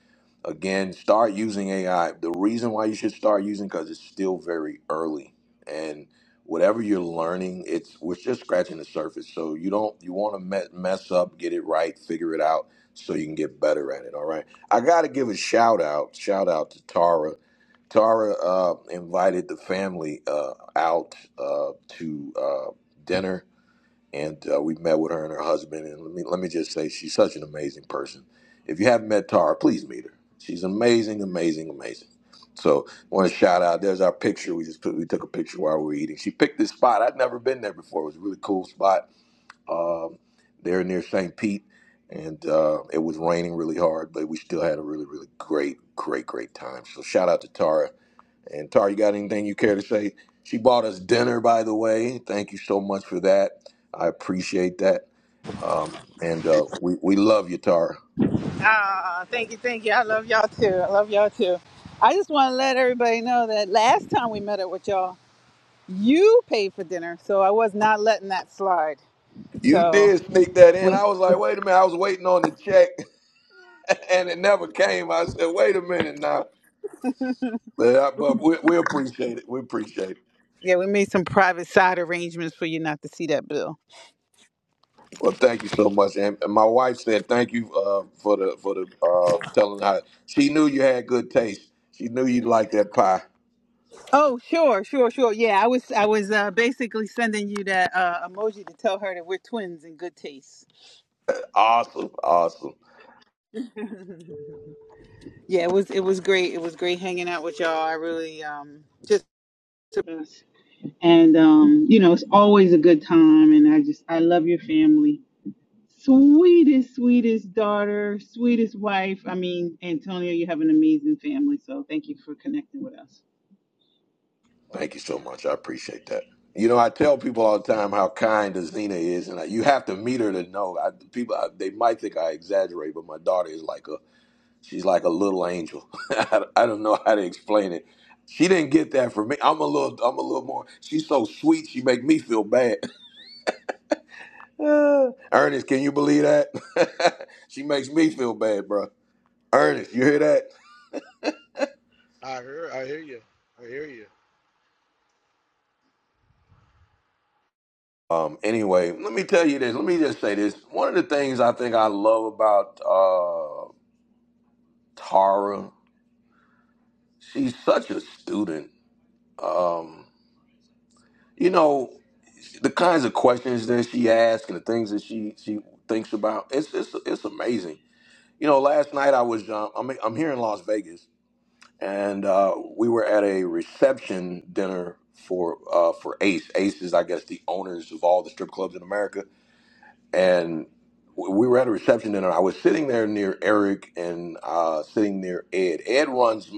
Speaker 1: Again, start using AI. The reason why you should start using because it's still very early. And whatever you're learning, it's we're just scratching the surface. So you don't you want to me- mess up, get it right, figure it out so you can get better at it. All right. I gotta give a shout out, shout out to Tara Tara uh, invited the family uh, out uh, to uh, dinner, and uh, we met with her and her husband. And let me let me just say, she's such an amazing person. If you haven't met Tara, please meet her. She's amazing, amazing, amazing. So, want to shout out. There's our picture. We just put, we took a picture while we were eating. She picked this spot. I'd never been there before. It was a really cool spot. Um, there near St. Pete, and uh, it was raining really hard, but we still had a really, really great, great, great time. So, shout out to Tara and Tar, you got anything you care to say? She bought us dinner, by the way. Thank you so much for that. I appreciate that. Um, and uh, we, we love you, Tara.
Speaker 10: Ah, thank you, thank you. I love y'all too. I love y'all too. I just want to let everybody know that last time we met up with y'all, you paid for dinner, so I was not letting that slide.
Speaker 1: You
Speaker 10: So
Speaker 1: did sneak that in.
Speaker 10: we,
Speaker 1: I was like, wait a minute. I was waiting on the check and it never came. I said, wait a minute now. But, I, but we, we appreciate it. We appreciate it.
Speaker 10: yeah, we made some private side arrangements for you not to see that bill.
Speaker 1: Well, thank you so much. And, and my wife said thank you uh, for the for the uh, telling her. she knew you had good taste. She knew you liked that pie.
Speaker 10: Oh, sure, sure, sure. Yeah, I was, I was uh, basically sending you that uh, emoji to tell her that we're twins in good taste.
Speaker 1: Awesome. Awesome.
Speaker 10: yeah, it was, it was great. It was great hanging out with y'all. I really um just And um, you know, it's always a good time and I just I love your family. Sweetest, sweetest daughter, sweetest wife. I mean, Antonio, you have an amazing family, so thank you for connecting with us.
Speaker 1: Thank you so much. I appreciate that. You know, I tell people all the time how kind Azina is, and I, you have to meet her to know. I, people, I, they might think I exaggerate, but my daughter is like a, she's like a little angel. I, I don't know how to explain it. She didn't get that from me. I'm a little, I'm a little more. She's so sweet. She make me feel bad. Ernest, can you believe that? she makes me feel bad, bro. Ernest, you hear that?
Speaker 11: I hear, I hear you. I hear you.
Speaker 1: Um. Anyway, let me tell you this. Let me just say this. One of the things I think I love about uh Tara. She's such a student. Um, you know, the kinds of questions that she asks and the things that she she thinks about. It's it's it's amazing. You know, last night I was um, I'm I'm here in Las Vegas, and uh, we were at a reception dinner for uh, for Ace. Ace is, I guess, the owners of all the strip clubs in America, and w- we were at a reception dinner. I was sitting there near Eric and uh, sitting near Ed. Ed runs.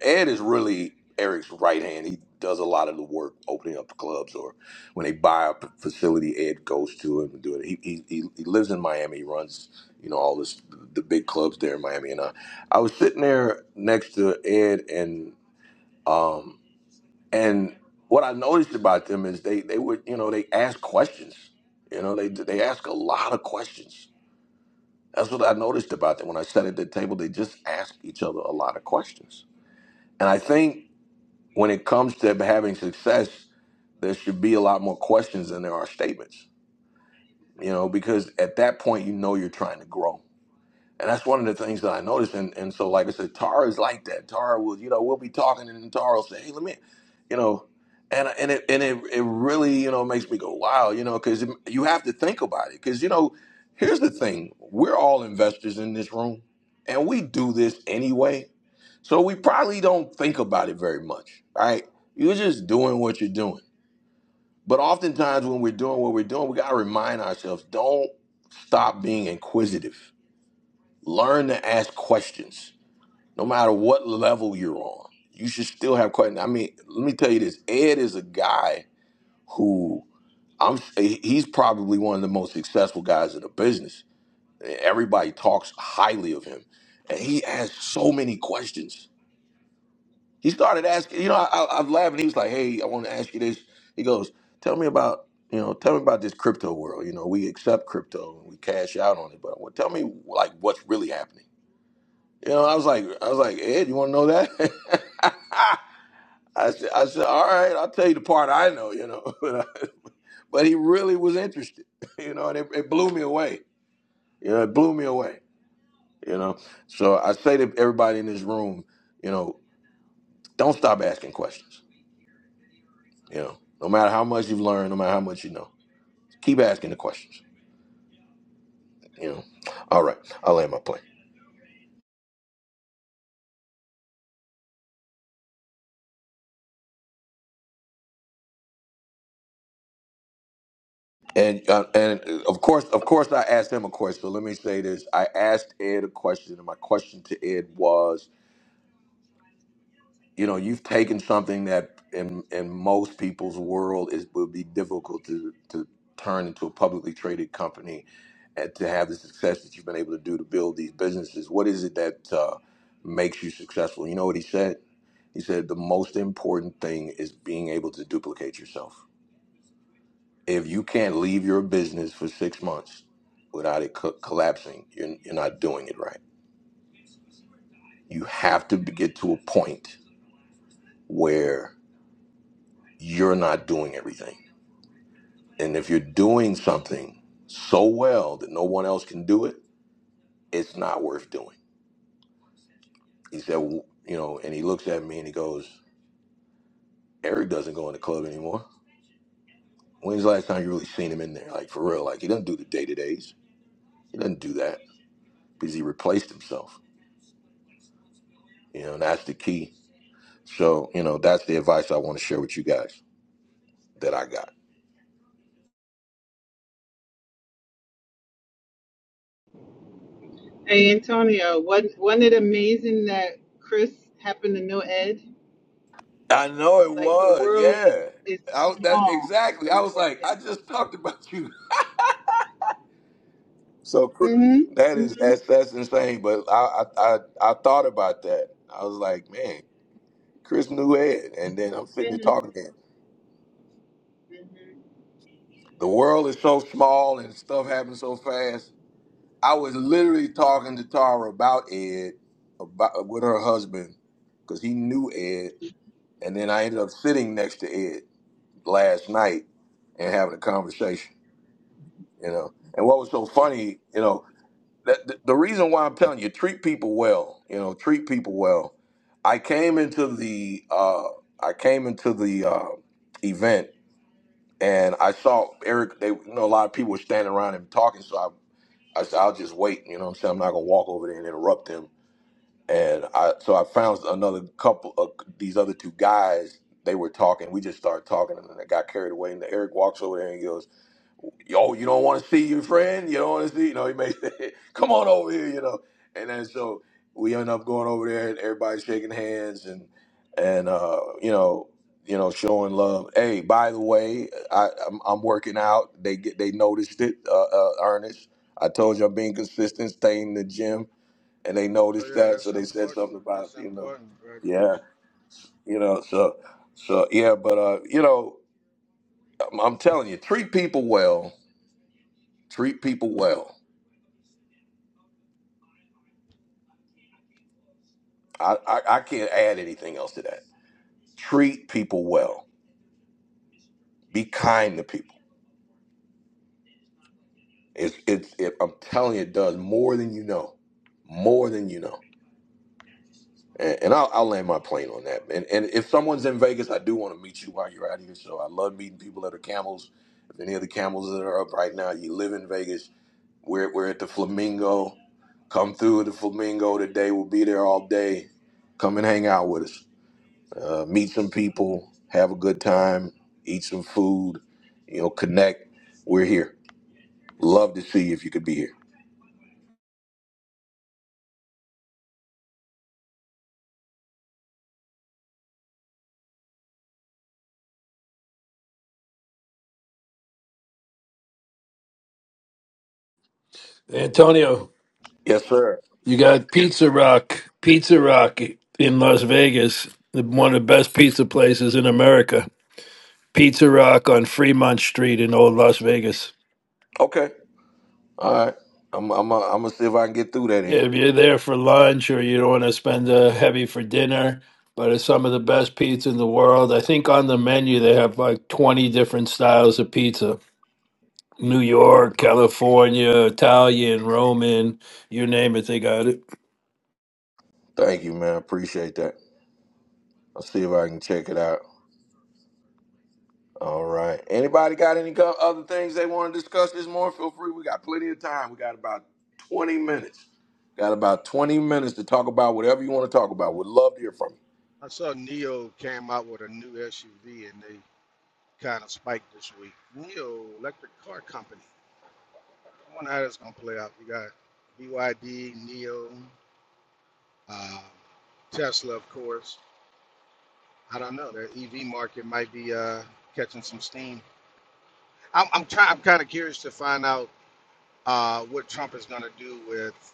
Speaker 1: Ed is really Eric's right hand. He does a lot of the work opening up clubs or when they buy a p- facility, Ed goes to him and do it. He, he, he he lives in Miami. He runs, you know, all this, the big clubs there in Miami. And I, I was sitting there next to Ed and, um, and what I noticed about them is they, they would, you know, they ask questions, you know, they, they ask a lot of questions. That's what I noticed about them. When I sat at the table, they just asked each other a lot of questions. And I think when it comes to having success, there should be a lot more questions than there are statements, you know, because at that point, you know, you're trying to grow. And that's one of the things that I noticed. And, and so, like I said, Tara is like that. Tara will, you know, we'll be talking and then Tara will say, hey, let me, you know, and, and it and it, it really, you know, makes me go, wow, you know, because you have to think about it. Because, you know, here's the thing we're all investors in this room and we do this anyway so we probably don't think about it very much, right? You're just doing what you're doing. But oftentimes when we're doing what we're doing, we gotta remind ourselves, don't stop being inquisitive. Learn to ask questions, no matter what level you're on. You should still have questions. I mean, let me tell you this. Ed is a guy who I'm he's probably one of the most successful guys in the business. Everybody talks highly of him. And he asks so many questions He started asking, you know, I, I, I'm laughing. He was like, "Hey, I want to ask you this." He goes, "Tell me about, you know, tell me about this crypto world. You know, we accept crypto and we cash out on it, but well, tell me like what's really happening." You know, I was like, I was like, Ed, you want to know that? I said, I said, all right, I'll tell you the part I know. You know, but, I- but he really was interested. You know, and it, it blew me away. You know, it blew me away. You know, so I say to everybody in this room, you know, don't stop asking questions You know, no matter how much you've learned, no matter how much you know, keep asking the questions. You know, all right, I land my plane. And uh, and uh, of course, of course, I asked him a question. So let me say this: I asked Ed a question, and my question to Ed was, you know you've taken something that in in most people's world is would be difficult to to turn into a publicly traded company and to have the success that you've been able to do to build these businesses what is it that uh, makes you successful you know what he said he said the most important thing is being able to duplicate yourself if you can't leave your business for six months without it co- collapsing you're, you're not doing it right you have to be- get to a point where you're not doing everything And if you're doing something so well that no one else can do it, it's not worth doing. He said, w- you know, and he looks at me and he goes, Eric doesn't go in the club anymore. When's the last time you really seen him in there? Like for real, like he doesn't do the day to days. He doesn't do that because he replaced himself. You know, and that's the key. So, you know, that's the advice I want to share with you guys that I got.
Speaker 10: Hey Antonio, wasn't wasn't it amazing that Chris happened to know Ed?
Speaker 1: I know it
Speaker 10: Like the
Speaker 1: was,
Speaker 10: world
Speaker 1: yeah.
Speaker 10: is
Speaker 1: I was that
Speaker 10: small.
Speaker 1: exactly. I
Speaker 10: The
Speaker 1: was
Speaker 10: world,
Speaker 1: like, I
Speaker 10: yeah.
Speaker 1: just talked about you. So cr- that
Speaker 10: Mm-hmm.
Speaker 1: is
Speaker 10: hmm
Speaker 1: that's that's insane. But I I I, I thought about that. I was like, man, Chris knew Ed, and then I'm sitting there
Speaker 10: hmm
Speaker 1: talking to him. The world is so small and stuff happens so fast. I was literally talking to Tara about Ed, about with her husband, because he knew Ed, and then I ended up sitting next to Ed last night and having a conversation. You know, and what was so funny, you know, that the, the reason why I'm telling you, treat people well. You know, treat people well. I came into the uh, I came into the uh, event and I saw Eric. They you know a lot of people were standing around him talking, so I I said I'll just wait. You know, what I'm saying I'm not gonna walk over there and interrupt him. And I so I found another couple of these other two guys. They were talking. We just started talking, and then I got carried away. And Eric walks over there and he goes yo, you don't want to see your friend, you don't want to see, you know, he may say, come on over here, you know. And then so we end up going over there and everybody's shaking hands and and uh, you know, you know, showing love. Hey, by the way, I, I'm, I'm working out. They get they noticed it, uh, uh, Ernest. I told you I'm being consistent, staying in the gym, and they
Speaker 11: Oh
Speaker 1: noticed
Speaker 11: yeah,
Speaker 1: that, so
Speaker 11: that's
Speaker 1: they said
Speaker 11: important.
Speaker 1: something about
Speaker 11: That's
Speaker 1: you know,
Speaker 11: important. Congratulations.
Speaker 1: yeah, you know, so so yeah, but uh, you know, I'm, I'm telling you, treat people well, treat people well I, I, I can't add anything else to that. Treat people well. Be kind to people. It's it's it, I'm telling you, it does more than you know, more than you know. And, and I'll, I'll land my plane on that. And and if someone's in Vegas, I do want to meet you while you're out here. So I love meeting people that are camels. If any of the camels that are up right now, you live in Vegas. We're we're at the Flamingo. Come through the Flamingo today. We'll be there all day. Come and hang out with us. uh, meet some people, have a good time, eat some food, you know, connect. We're here. Love to see if you could be here.
Speaker 7: Antonio,
Speaker 1: Yes, sir.
Speaker 7: you got Pizza Rock, Pizza Rock in Las Vegas, one of the best pizza places in America Pizza Rock on Fremont Street in Old Las Vegas.
Speaker 1: Okay. All right. I'm I'm uh, I'm gonna see if I can get through that in.
Speaker 7: If you're there for lunch or you don't want to spend uh, heavy for dinner, but it's some of the best pizza in the world. I think on the menu they have like 20 different styles of pizza New
Speaker 1: Okay.
Speaker 7: York, California, Italian, Roman, you name it, they got it.
Speaker 1: Thank you, man. Appreciate that. I'll see if I can check it out. All right. Anybody got any co- other things they want to discuss this morning? Feel free. We got plenty of time. We got about 20 minutes. Got about 20 minutes to talk about whatever you want to talk about. Would love to hear from you.
Speaker 11: I saw Neo came out with a new SUV and they kind of spiked this week. Neo Electric Car Company. I wonder how that's gonna play out. You got BYD, Neo, uh, Tesla, of course. I don't know. The EV market might be uh, catching some steam. I'm I'm, try- I'm kind of curious to find out uh, what Trump is gonna do with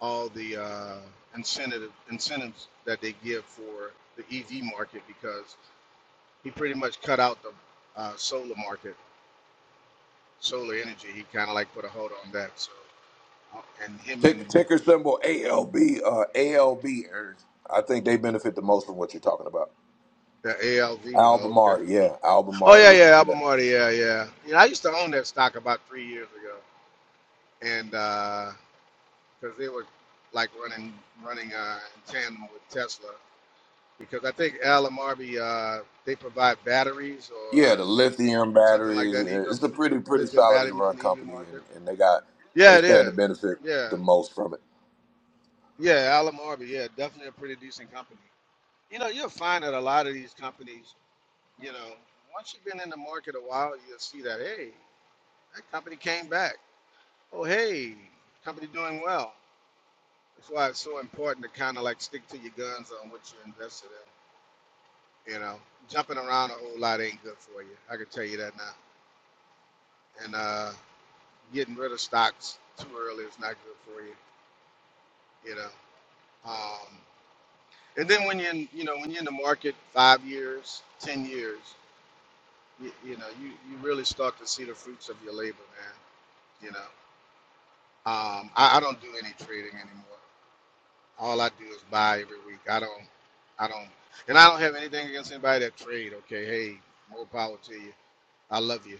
Speaker 11: all the uh, incentive incentives that they give for the EV market because he pretty much cut out the uh, solar market, solar energy. He kind of like put a hold on that. So, uh, and him and
Speaker 1: Tick, ticker symbol ALB, uh, ALB. er, I think they benefit the most from what you're talking about.
Speaker 11: the ALV. Oh, okay.
Speaker 1: Albemarle, yeah,
Speaker 11: Oh
Speaker 1: Albemarle.
Speaker 11: yeah,
Speaker 1: Look
Speaker 11: yeah,
Speaker 1: into that.
Speaker 11: Albemarle. Yeah, yeah. You know, I used to own that stock about three years ago, and because they were like running running uh, in tandem with Tesla, because I think Albemarle uh, they provide batteries
Speaker 1: Yeah,
Speaker 11: or
Speaker 1: the lithium
Speaker 11: something like
Speaker 1: batteries.
Speaker 11: that,
Speaker 1: uh,
Speaker 11: EV
Speaker 1: It's a pretty, pretty
Speaker 11: lithium
Speaker 1: solidly
Speaker 11: batteries
Speaker 1: run
Speaker 11: in the EV
Speaker 1: company, and,
Speaker 11: market.
Speaker 1: and they got
Speaker 11: Yeah,
Speaker 1: they
Speaker 11: it
Speaker 1: stand to
Speaker 11: is.
Speaker 1: benefit
Speaker 11: Yeah,
Speaker 1: the most from it.
Speaker 11: yeah, Alum Orbi. Yeah, definitely a pretty decent company. You know, you'll find that a lot of these companies, you know, once you've been in the market a while, you'll see that hey, that company came back. Oh, hey, company doing well. That's why it's so important to kind of like stick to your guns on what you're invested in. You know, jumping around a whole lot ain't good for you. I can tell you that now. And uh, getting rid of stocks too early is not good for you. You know. Um, and then when you're in, you know when you're in the market five years, ten years, you, you know you, you really start to see the fruits of your labor, man. You know, um, I, I don't do any trading anymore. All I do is buy every week. I don't, I don't, and I don't have anything against anybody that trade. Okay, hey, more power to you. I love you.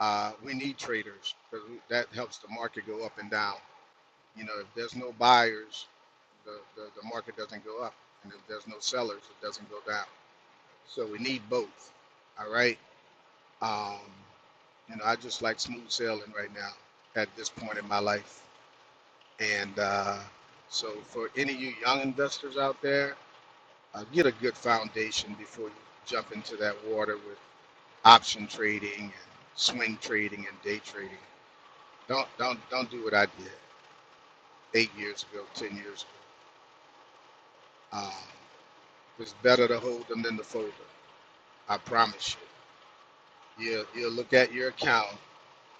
Speaker 11: Uh, we need traders because that helps the market go up and down. You know, if there's no buyers, the, the, the market doesn't go up, and if there's no sellers, it doesn't go down. So we need both. All right. Um, you know, I just like smooth sailing right now at this point in my life. And uh, so, for any of you young investors out there, uh, get a good foundation before you jump into that water with option trading and swing trading and day trading. Don't don't don't do what I did eight years ago, ten years ago. Um, it's better to hold them than to fold them. I promise you. You you look at your account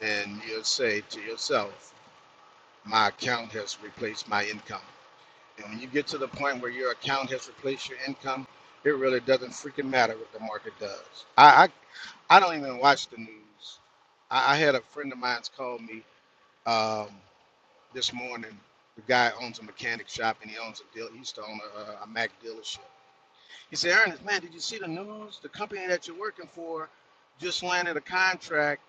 Speaker 11: and you'll say to yourself, My account has replaced my income. And when you get to the point where your account has replaced your income, it really doesn't freaking matter what the market does. I I, I don't even watch the news. I, I had a friend of mine's call me um, this morning. The guy owns a mechanic shop and he owns a deal. He used to own a a Mac dealership. He said, Ernest, man, did you see the news? The company that you're working for just landed a contract.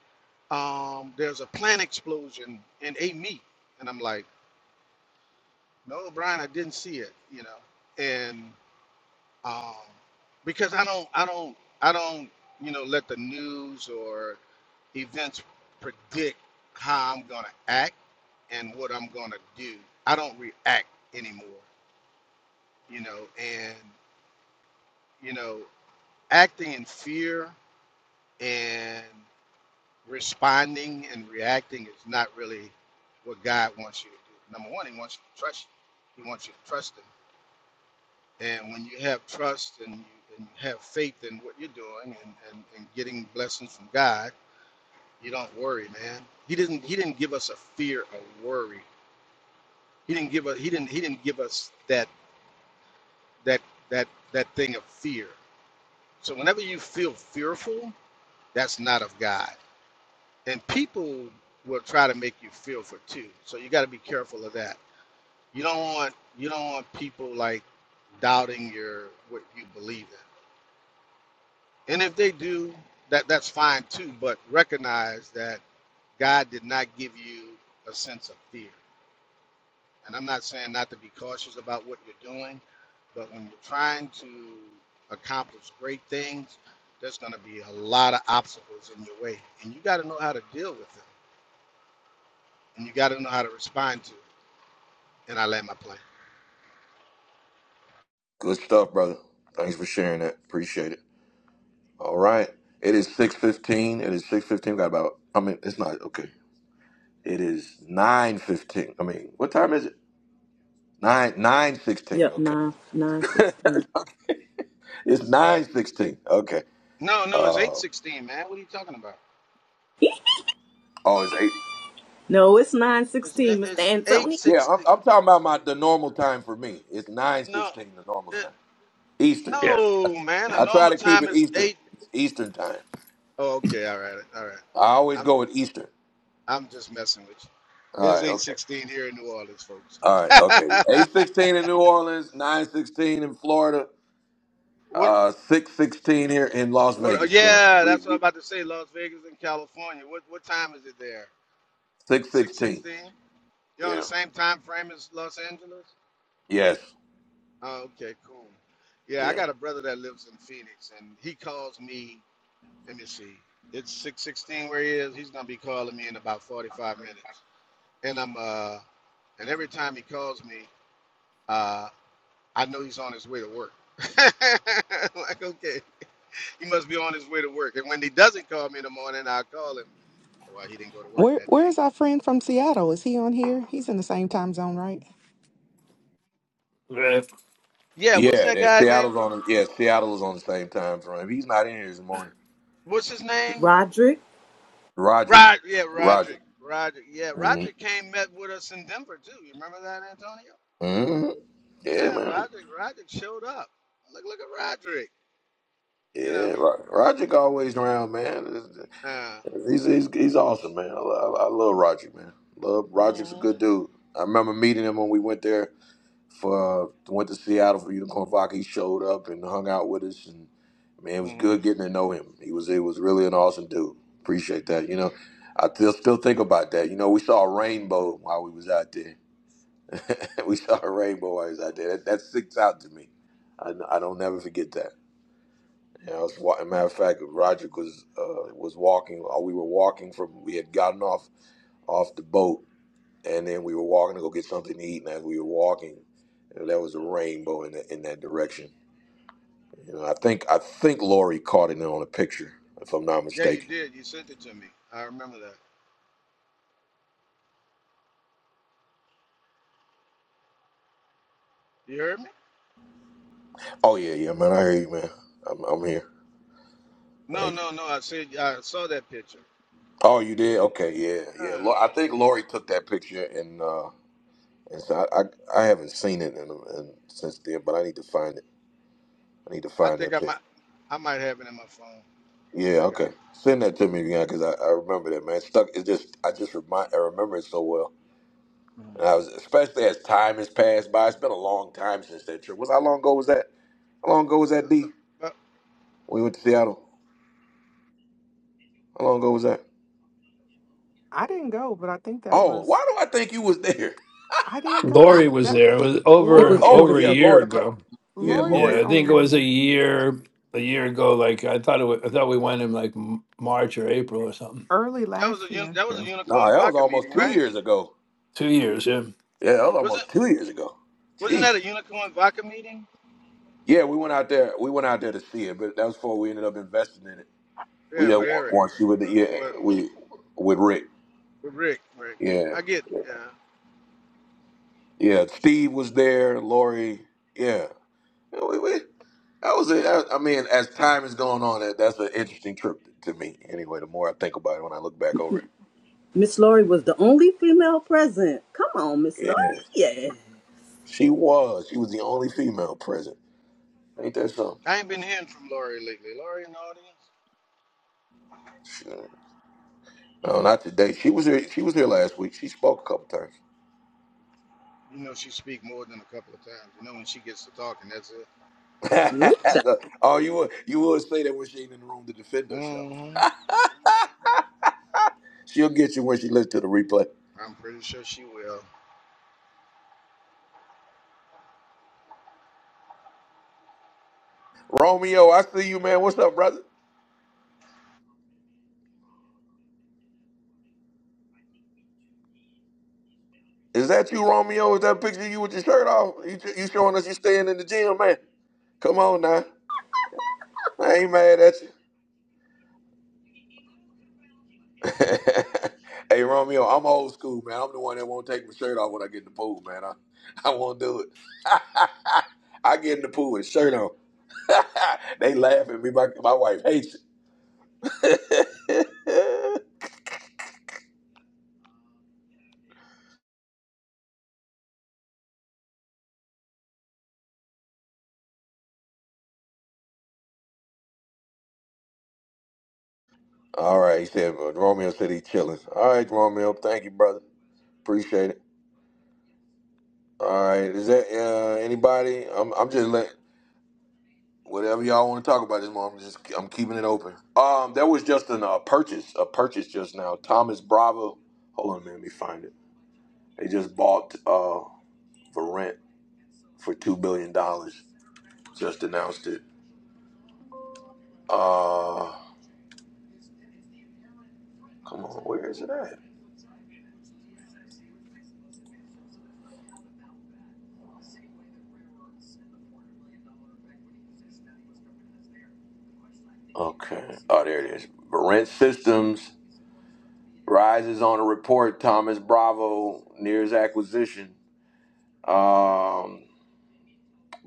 Speaker 11: Um, there's a plant explosion and ate meat. And I'm like, no, Brian, I didn't see it, you know. And um, because I don't, I don't, I don't, you know, let the news or events predict how I'm gonna act and what I'm gonna do. I don't react anymore, you know. And you know, acting in fear and responding and reacting is not really what God wants you to do. Number one, He wants you to trust you. He wants you to trust Him. And when you have trust and you, and you have faith in what you're doing and, and, and getting blessings from God, you don't worry, man. He didn't He didn't give us a fear of worry. He didn't give us He didn't He didn't give us that that that that thing of fear. So whenever you feel fearful, that's not of God. and people will try to make you feel for two. So you got to be careful of that. You don't want you don't want people like doubting your what you believe in. And if they do, that that's fine too. But recognize that God did not give you a sense of fear. And I'm not saying not to be cautious about what you're doing, but when you're trying to accomplish great things, there's going to be a lot of obstacles in your way, and you got to know how to deal with them, and you got to know how to respond to it. and I land my plane.
Speaker 1: Good stuff, brother. Thanks for sharing that. Appreciate it. All right, it is six fifteen. It is six fifteen. Got about. I mean, it's not okay. It is nine fifteen. I mean, what time is it? Nine nine sixteen.
Speaker 3: Yep,
Speaker 1: Okay,
Speaker 3: nine nine sixteen.
Speaker 1: it's nine sixteen. Okay.
Speaker 11: No, no, it's eight
Speaker 1: Uh,
Speaker 11: sixteen, man. What are you talking about?
Speaker 1: oh, it's eight.
Speaker 3: No, it's nine
Speaker 11: It's it-
Speaker 3: sixteen, Mr.
Speaker 11: it's eight
Speaker 3: Anthony.
Speaker 1: Yeah, I'm,
Speaker 11: sixteen.
Speaker 1: I'm talking about my the normal time for me. It's nine
Speaker 11: No,
Speaker 1: sixteen the normal
Speaker 11: it,
Speaker 1: time Eastern.
Speaker 7: Yeah.
Speaker 11: no, man. A
Speaker 1: I try
Speaker 11: normal
Speaker 1: to keep
Speaker 11: time
Speaker 1: it
Speaker 11: is
Speaker 1: Eastern.
Speaker 11: eight.
Speaker 1: It's Eastern time.
Speaker 11: Oh, okay, all right, all right.
Speaker 1: I always
Speaker 11: I'm
Speaker 1: go with Eastern.
Speaker 11: I'm just messing with you.
Speaker 1: All
Speaker 11: It's
Speaker 1: right,
Speaker 11: eight
Speaker 1: okay.
Speaker 11: sixteen here in New Orleans, folks.
Speaker 1: All right, okay. Eight sixteen in New Orleans, nine sixteen in Florida,
Speaker 11: what
Speaker 1: uh, six sixteen here in Las
Speaker 11: what? oh,
Speaker 1: Vegas. So
Speaker 11: Yeah,
Speaker 1: we
Speaker 11: that's what I'm
Speaker 1: we
Speaker 11: about to say. Las Vegas in California. What what time is it there?
Speaker 1: six
Speaker 11: Six
Speaker 1: sixteen.
Speaker 11: sixteen. You're on the
Speaker 1: Yeah.
Speaker 11: same time frame as Los Angeles.
Speaker 1: Yes.
Speaker 11: Oh, okay, cool. Yeah, I
Speaker 1: Yeah.
Speaker 11: got a brother that lives in Phoenix, and he calls me. Let me see. It's six sixteen where he is. He's gonna be calling me in about forty five minutes, and I'm uh, and every time he calls me, uh, I know he's on his way to work. like, okay, he must be on his way to work. And when he doesn't call me in the morning, I call him. Well, he didn't go to work
Speaker 12: Where
Speaker 11: that day.
Speaker 12: where's our friend from
Speaker 11: So-
Speaker 12: Seattle? Is he on here? He's in the same time zone, right?
Speaker 7: Uh,
Speaker 11: yeah, what's
Speaker 1: Yeah.
Speaker 11: that
Speaker 1: That
Speaker 11: guy name
Speaker 1: Seattle's
Speaker 11: from?
Speaker 1: on. Yeah, Seattle is on the same time frame. He's not in here this morning.
Speaker 11: What's his name?
Speaker 3: Roderick.
Speaker 1: Roderick.
Speaker 11: Rod, yeah,
Speaker 1: Roderick.
Speaker 11: Roderick, Roderick, yeah, Roderick came met with us in Denver too. You remember that, Antonio?
Speaker 1: Mm-hmm. Yeah,
Speaker 11: Yeah,
Speaker 1: man.
Speaker 11: Roderick, Roderick showed up. Look, look at Roderick. You
Speaker 1: Yeah,
Speaker 11: know.
Speaker 1: Ro- Roger always around, man.
Speaker 11: Uh,
Speaker 1: He's he's, he's awesome, man. I, I, I love Roger, man. Love Roger's a
Speaker 11: mhm,
Speaker 1: good dude. I remember meeting him when we went there for uh, went to Seattle for Unicorn Vodka. He showed up and hung out with us, and man, it was
Speaker 11: mhm.
Speaker 1: good getting to know him. He was it was really an awesome dude. Appreciate that. You know, I still still think about that. You know, we saw a rainbow while we was out there. we saw a rainbow while we was out there. That, that sticks out to me. I, I don't never forget that. Yeah, I was. wa- a Matter of fact, Roger was uh, was walking. Or we were walking from. We had gotten off off the boat, and then we were walking to go get something to eat. And as we were walking, you know, there was a rainbow in the, in that direction. You know, I think I think Lori caught it on a picture, if I'm not
Speaker 11: Yeah, you
Speaker 1: mistaken.
Speaker 11: did. You sent it to me. I remember that. You heard me?
Speaker 1: Oh yeah, yeah, man. I hear you, man. I'm, I'm here.
Speaker 11: No,
Speaker 1: Thank you.
Speaker 11: no, no. I said I saw that picture.
Speaker 1: Oh, you did? Okay, yeah, yeah.
Speaker 11: Uh,
Speaker 1: Lo- I think Lori took that picture, and uh, and so I, I I haven't seen it in, in, since then, but I need to find it. I need to
Speaker 11: I
Speaker 1: find that
Speaker 11: think I
Speaker 1: picture.
Speaker 11: might, I might have it in my phone. I
Speaker 1: Yeah,
Speaker 11: think I.
Speaker 1: okay. Send that to me again because I, I remember that man. Stuck. It's just I just remind I remember it so well. And I was especially as time has passed by. It's been a long time since that trip. Was how long ago was that? How long ago was
Speaker 11: Uh,
Speaker 1: that?
Speaker 11: but,
Speaker 1: D.
Speaker 11: but
Speaker 1: When we went to Seattle. How long ago was that?
Speaker 12: I didn't go, but I think that
Speaker 1: Oh,
Speaker 12: was
Speaker 1: why do I think you was there?
Speaker 12: I didn't
Speaker 7: Lori
Speaker 12: go.
Speaker 7: was
Speaker 12: That
Speaker 7: there. It was
Speaker 3: It was
Speaker 7: over
Speaker 12: Lori
Speaker 3: it
Speaker 1: Oh
Speaker 3: was
Speaker 7: over a
Speaker 1: yeah,
Speaker 3: this.
Speaker 7: year
Speaker 1: Lori.
Speaker 7: ago.
Speaker 1: Yeah,
Speaker 12: Lori
Speaker 3: Mm-hmm.
Speaker 1: Lori
Speaker 7: Yeah,
Speaker 12: was the
Speaker 7: I
Speaker 1: was.
Speaker 12: only
Speaker 7: think it
Speaker 12: one
Speaker 7: was a
Speaker 12: there
Speaker 7: year a year ago. Like I thought it was, I thought we went in like M- March or April or something.
Speaker 12: early
Speaker 11: that was
Speaker 12: last
Speaker 11: a uni-
Speaker 12: year.
Speaker 11: that
Speaker 7: Yeah.
Speaker 11: was a
Speaker 1: No,
Speaker 11: unicorn
Speaker 1: that was
Speaker 11: vodka
Speaker 1: almost
Speaker 11: meeting,
Speaker 1: two
Speaker 11: right?
Speaker 1: years ago.
Speaker 7: Two years, yeah.
Speaker 1: Yeah, that was
Speaker 11: Wasn't
Speaker 1: almost two years ago.
Speaker 11: wasn't
Speaker 1: Jeez.
Speaker 11: that a unicorn vodka meeting?
Speaker 1: Yeah, we went out there. We went out there to see it, but that was before we ended up investing in it. We
Speaker 11: Yeah, with
Speaker 1: didn't want,
Speaker 11: Eric.
Speaker 1: want you with the
Speaker 11: What
Speaker 1: yeah.
Speaker 11: what?
Speaker 1: We with Rick.
Speaker 11: But Rick, Rick,
Speaker 1: Yeah,
Speaker 11: I get. Uh,
Speaker 1: yeah. Steve was there. Lori. Yeah. Yeah, We, we, that was it. I I mean, as time is going on, that that's an interesting trip to me. Anyway, the more I think about it, when I look back over it,
Speaker 3: Miss Laurie was the only female present. Come on, Miss Laurie.
Speaker 1: yeah,
Speaker 3: Yeah.
Speaker 1: she was. She was the only female present. Ain't that something?
Speaker 11: I ain't been hearing from Lori lately. Lori in the audience.
Speaker 1: Sure. No, not today. She was here. She was here last week. She spoke a couple times.
Speaker 11: You know she speak more than a couple of times. You know when she gets to talking, that's it.
Speaker 3: Ooh,
Speaker 1: oh, you would you would say that when she ain't in the room to defend herself.
Speaker 11: Mm-hmm.
Speaker 1: She'll get you when she listens to the replay.
Speaker 11: I'm pretty sure she will.
Speaker 1: Romeo, I see you, man. What's up, brother? Is that you, Romeo? Is that picture of you with your shirt off? You, you showing us you staying in the gym, man? Come on now. I ain't mad at you. hey, Romeo, I'm old school, man. I'm the one that won't take my shirt off when I get in the pool, man. I, I won't do it. I get in the pool with a shirt on. they laugh at me. My, my wife hates it. All right, he said, uh, Romeo said he chilling. All right, Romeo, thank you, brother. Appreciate it. All right, is that uh, anybody? I'm, I'm just letting. whatever y'all want to talk about this morning, I'm just I'm keeping it open. Um, there was just an, uh, purchase, a purchase just now. Thomas Bravo, hold on, man, let me find it. They just bought uh for rent for two billion dollars. Just announced it. Uh, come on, where is it at? Okay, oh there it is. Rent Systems rises on a report. Thomas Bravo nears acquisition. Um,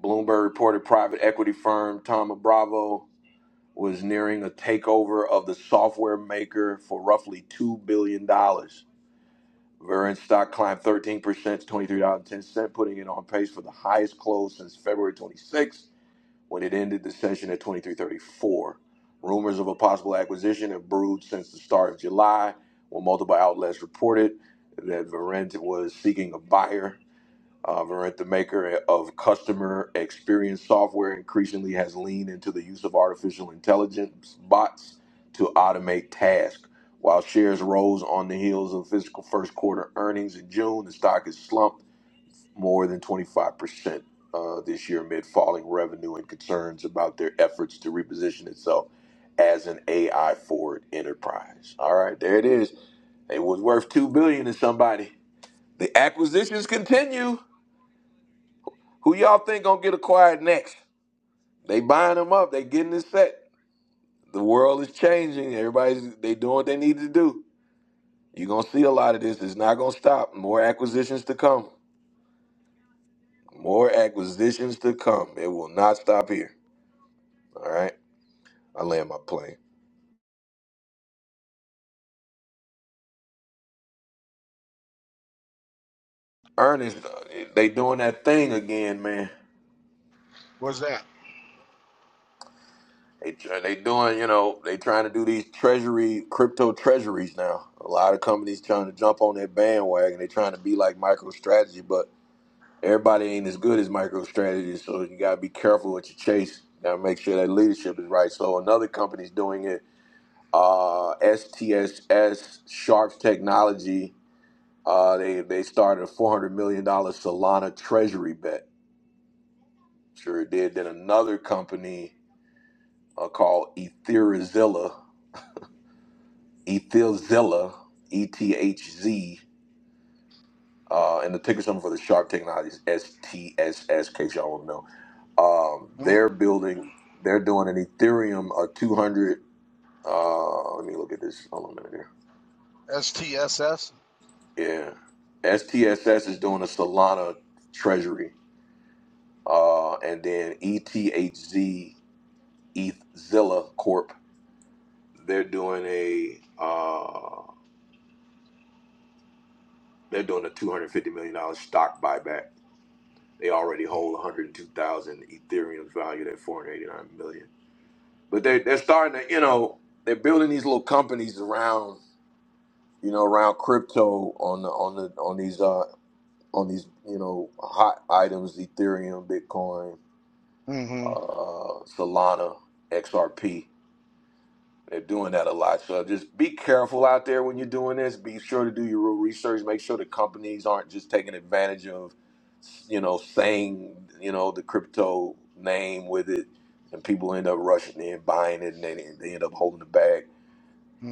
Speaker 1: Bloomberg reported private equity firm Thomas Bravo. was nearing a takeover of the software maker for roughly $2 billion. dollars. Verint stock climbed 13% to $23.10, putting it on pace for the highest close since February twenty sixth, when it ended the session at 23.34. Rumors of a possible acquisition have brewed since the start of July, when multiple outlets reported that Verint was seeking a buyer. Uh, Verint, the maker of customer experience software, increasingly has leaned into the use of artificial intelligence bots to automate tasks. While shares rose on the heels of fiscal first quarter earnings in June, the stock has slumped more than 25% uh, this year amid falling revenue and concerns about their efforts to reposition itself as an AI forward enterprise. All right, there it is. It was worth two billion to somebody. The acquisitions continue. Who y'all think gonna get acquired next? They buying them up. They getting this set. The world is changing. Everybody's they doing what they need to do. You're gonna see a lot of this. It's not gonna stop. More acquisitions to come. More acquisitions to come. It will not stop here. All right. I land my plane. Ernest, uh, they doing that thing again, man.
Speaker 11: What's that?
Speaker 1: They try- they doing, you know, they trying to do these treasury, crypto treasuries now. A lot of companies trying to jump on that bandwagon. They trying to be like MicroStrategy, but Everybody ain't as good as MicroStrategy, so you gotta be careful what you chase. Gotta make sure that leadership is right. So another company's doing it. Uh, STSS Sharps Technology. Uh, they they started a four hundred million dollar Solana treasury bet. Sure it did. Then another company uh, called Etherzilla. Etherzilla. E T H Z. Uh, and the ticker symbol for the Sharp Technologies STSS. In case y'all don't know. Um,
Speaker 11: Mm,
Speaker 1: they're building, they're doing an Ethereum uh, 200. Uh, let me look at this. Hold on a minute
Speaker 11: STSS.
Speaker 1: here. Yeah. STSS is doing a Solana treasury. Uh, and then ETHZ, ETHZilla Corp, they're doing a, uh, they're doing a $250 million dollars stock buyback. They already hold 102,000 Ethereum's valued at 489 million. But they, they're starting to, you know, they're building these little companies around you know, around crypto on the on the on these uh on these you know hot items, Ethereum, Bitcoin,
Speaker 11: Mm-hmm.
Speaker 1: uh, Solana, XRP. They're doing that a lot. So just be careful out there when you're doing this. Be sure to do your real research. Make sure the companies aren't just taking advantage of, you know, saying you know the crypto name with it, and people end up rushing in buying it, and they, they end up holding the bag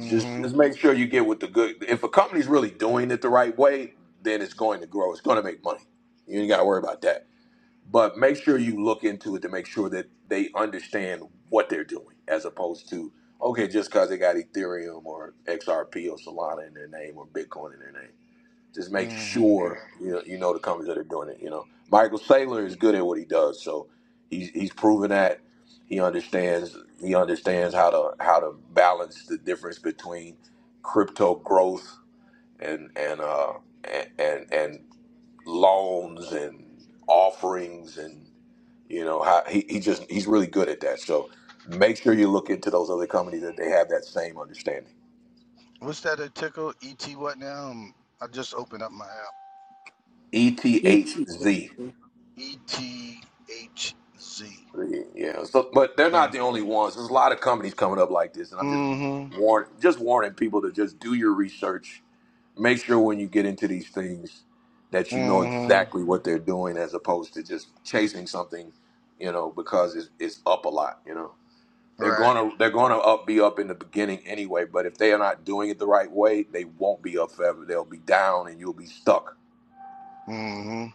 Speaker 1: just just make sure you get with the good. If a company's really doing it the right way, then it's going to grow. It's going to make money. You ain't got to worry about that. But make sure you look into it to make sure that they understand what they're doing, as opposed to okay, just because they got Ethereum or XRP or Solana in their name or Bitcoin in their name just make
Speaker 11: Mm-hmm.
Speaker 1: sure you know, you know the companies that are doing it. You know, Michael Saylor is good at what he does, so he's he's proven that he understands he understands how to how to balance the difference between crypto growth and and uh and and, and loans and offerings and you know how he, he just he's really good at that. So make sure you look into those other companies that they have that same understanding.
Speaker 11: What's that? A tickle? ET what now? Um, I just opened up my app.
Speaker 1: ETHZ
Speaker 11: ETHZ.
Speaker 1: Yeah, so but they're
Speaker 11: Uh,
Speaker 1: not the only ones. There's a lot of companies coming up like this, and I'm just
Speaker 11: mm-hmm.
Speaker 1: warn just warning people to just do your research. Make sure when you get into these things that you know
Speaker 11: Mm-hmm.
Speaker 1: exactly what they're doing, as opposed to just chasing something, you know, because it's, it's up a lot. You know, they're
Speaker 11: Right.
Speaker 1: gonna they're gonna up be up in the beginning anyway, but if they are not doing it the right way, they won't be up forever. They'll be down, and you'll be stuck
Speaker 11: Mm-hmm.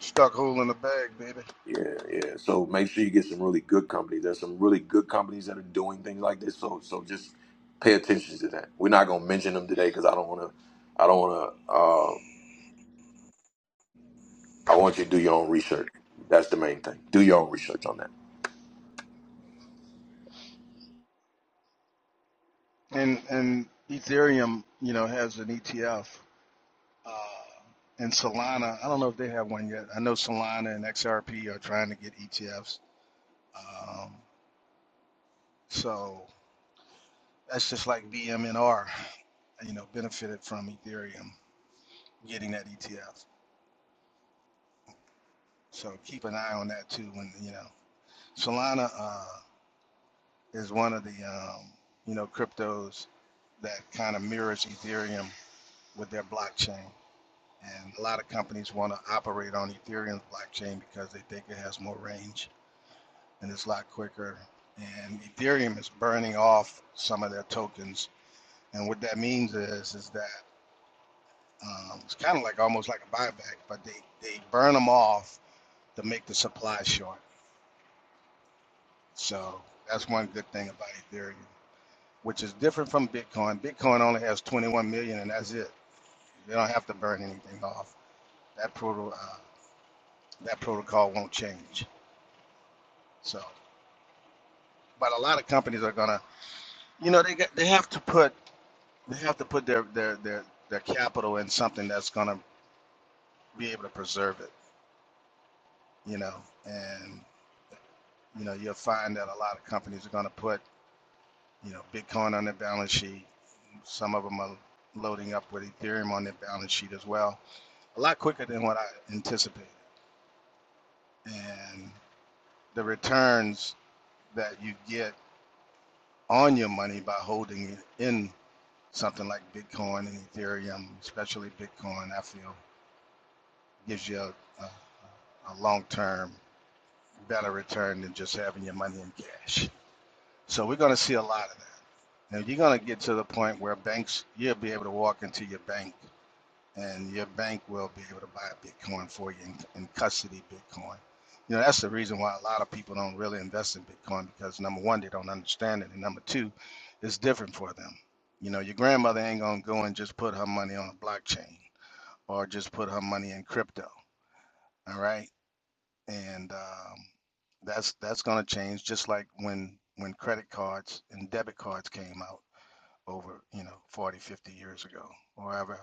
Speaker 11: Stuck hole in the bag, baby.
Speaker 1: Yeah, yeah. So make sure you get some really good companies. There's some really good companies that are doing things like this. So so just pay attention to that. We're not gonna mention them today because I don't wanna I don't wanna uh I want you to do your own research. That's the main thing. Do your own research on that.
Speaker 11: And and Ethereum, you know, has an ETF. Uh, and Solana, I don't know if they have one yet. I know Solana and XRP are trying to get ETFs. Um, so that's just like BMNR, you know, benefited from Ethereum getting that ETF. So keep an eye on that too. When you know, Solana uh, is one of the um, you know cryptos that kind of mirrors Ethereum with their blockchain. And a lot of companies want to operate on Ethereum blockchain because they think it has more range and it's a lot quicker. And Ethereum is burning off some of their tokens. And what that means is, is that um, it's kind of like almost like a buyback, but they, they burn them off to make the supply short. So that's one good thing about Ethereum, which is different from Bitcoin. Bitcoin only has 21 million, and that's it. They don't have to burn anything off. That proto, uh, that protocol won't change. So. but a lot of companies are gonna, you know, they get, they have to put they have to put their their their their capital in something that's gonna be able to preserve it, you know, and you know you'll find that a lot of companies are gonna put you know Bitcoin on their balance sheet. Some of them are loading up with Ethereum on their balance sheet as well, a lot quicker than what I anticipated, and the returns that you get on your money by holding it in something like Bitcoin and Ethereum, especially Bitcoin, I feel gives you a, a, a long term better return than just having your money in cash. So we're going to see a lot of that. Now you're going to get to the point where banks, you'll be able to walk into your bank and your bank will be able to buy Bitcoin for you and, and custody Bitcoin. You know, that's the reason why a lot of people don't really invest in Bitcoin because number one, they don't understand it, and number two, it's different for them. You know, your grandmother ain't gonna go and just put her money on a blockchain or just put her money in crypto. All right, and um, that's that's gonna change. Just like when when credit cards and debit cards came out over, you know, 40, 50 years ago, or however,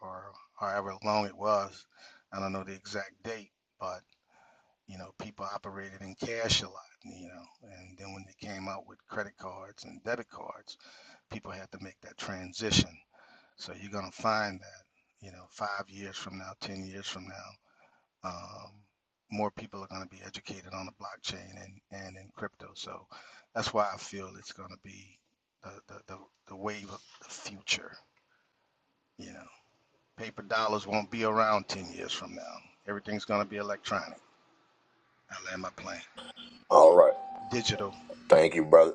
Speaker 11: or however long it was. I don't know the exact date, but, you know, people operated in cash a lot, you know, and then when they came out with credit cards and debit cards, people had to make that transition. So you're going to find that, you know, five years from now, 10 years from now, um, more people are going to be educated on the blockchain and, and in crypto. So that's why I feel it's going to be the, the, the, the wave of the future. You know, paper dollars won't be around 10 years from now. Everything's going to be electronic. I land my plane.
Speaker 1: All right.
Speaker 11: Digital.
Speaker 1: Thank you, brother.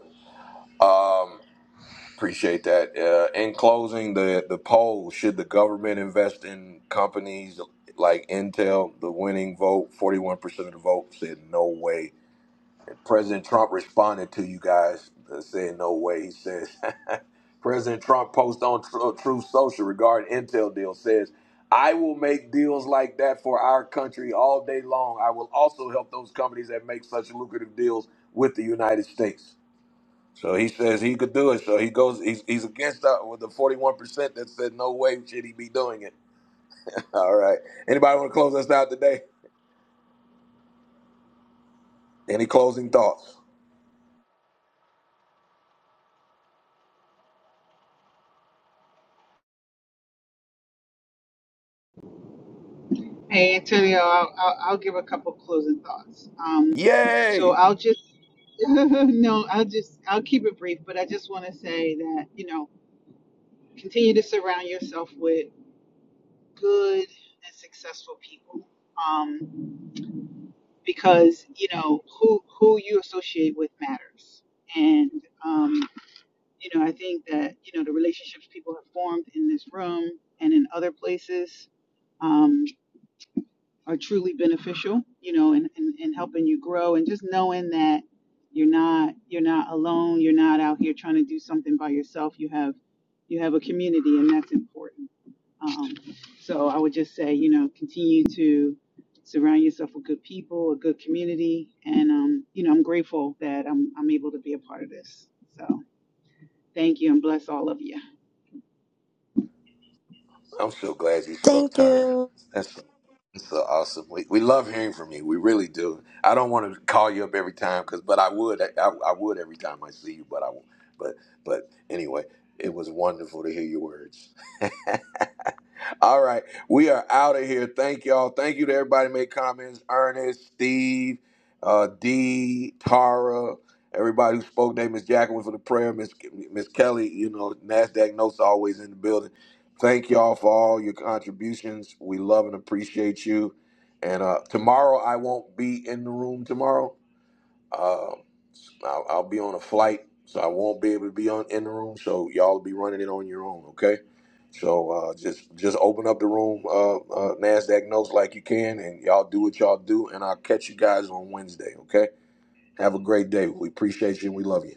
Speaker 1: Um Appreciate that. Uh, in closing, the the poll: Should the government invest in companies like Intel? The winning vote, forty one percent of the vote said no way. And President Trump responded to you guys uh, saying no way. He says, President Trump post on Tru- Truth Social regarding Intel deal says, "I will make deals like that for our country all day long. I will also help those companies that make such lucrative deals with the United States." So he says he could do it. So he goes. He's, he's against that with the forty one percent that said no way should he be doing it. All right. Anybody want to close us out today? Any closing thoughts?
Speaker 10: Hey Antonio, I'll, I'll I'll give a couple closing thoughts. Um, so
Speaker 1: Yay!
Speaker 10: I'll just no, I'll just I'll keep it brief, but I just want to say that you know continue to surround yourself with good and successful people, um, because you know who who you associate with matters, and um, you know I think that you know the relationships people have formed in this room and in other places. um, are truly beneficial, you know, and, and, and helping you grow and just knowing that you're not you're not alone, you're not out here trying to do something by yourself. You have you have a community and that's important. Um, so I would just say, you know, continue to surround yourself with good people, a good community, and um, you know, I'm grateful that I'm I'm able to be a part of this. So thank you and bless all of you.
Speaker 1: I'm so glad you fucked
Speaker 2: Thank
Speaker 1: her.
Speaker 2: you.
Speaker 1: That's that's so awesome. We, we love hearing from you. We really do. I don't want to call you up every time because, but I would. I, I would every time I see you. But I won't. But but anyway, it was wonderful to hear your words. All right. We are out of here. Thank y'all. Thank you to everybody who made comments. Ernest, Steve, uh, D, Tara, everybody who spoke today, Miss Jacqueline for the prayer, Miss Miss Kelly, you know, NASDAQ notes always in the building. Thank y'all for all your contributions. We love and appreciate you. And uh, tomorrow I won't be in the room tomorrow um, I'll, I'll be on a flight, so I won't be able to be on in the room. So y'all be running it on your own, okay? So uh, just just open up the room, uh, uh, Nasdaq notes like you can, and y'all do what y'all do, and I'll catch you guys on Wednesday, okay? Have a great day. We appreciate you and we love you.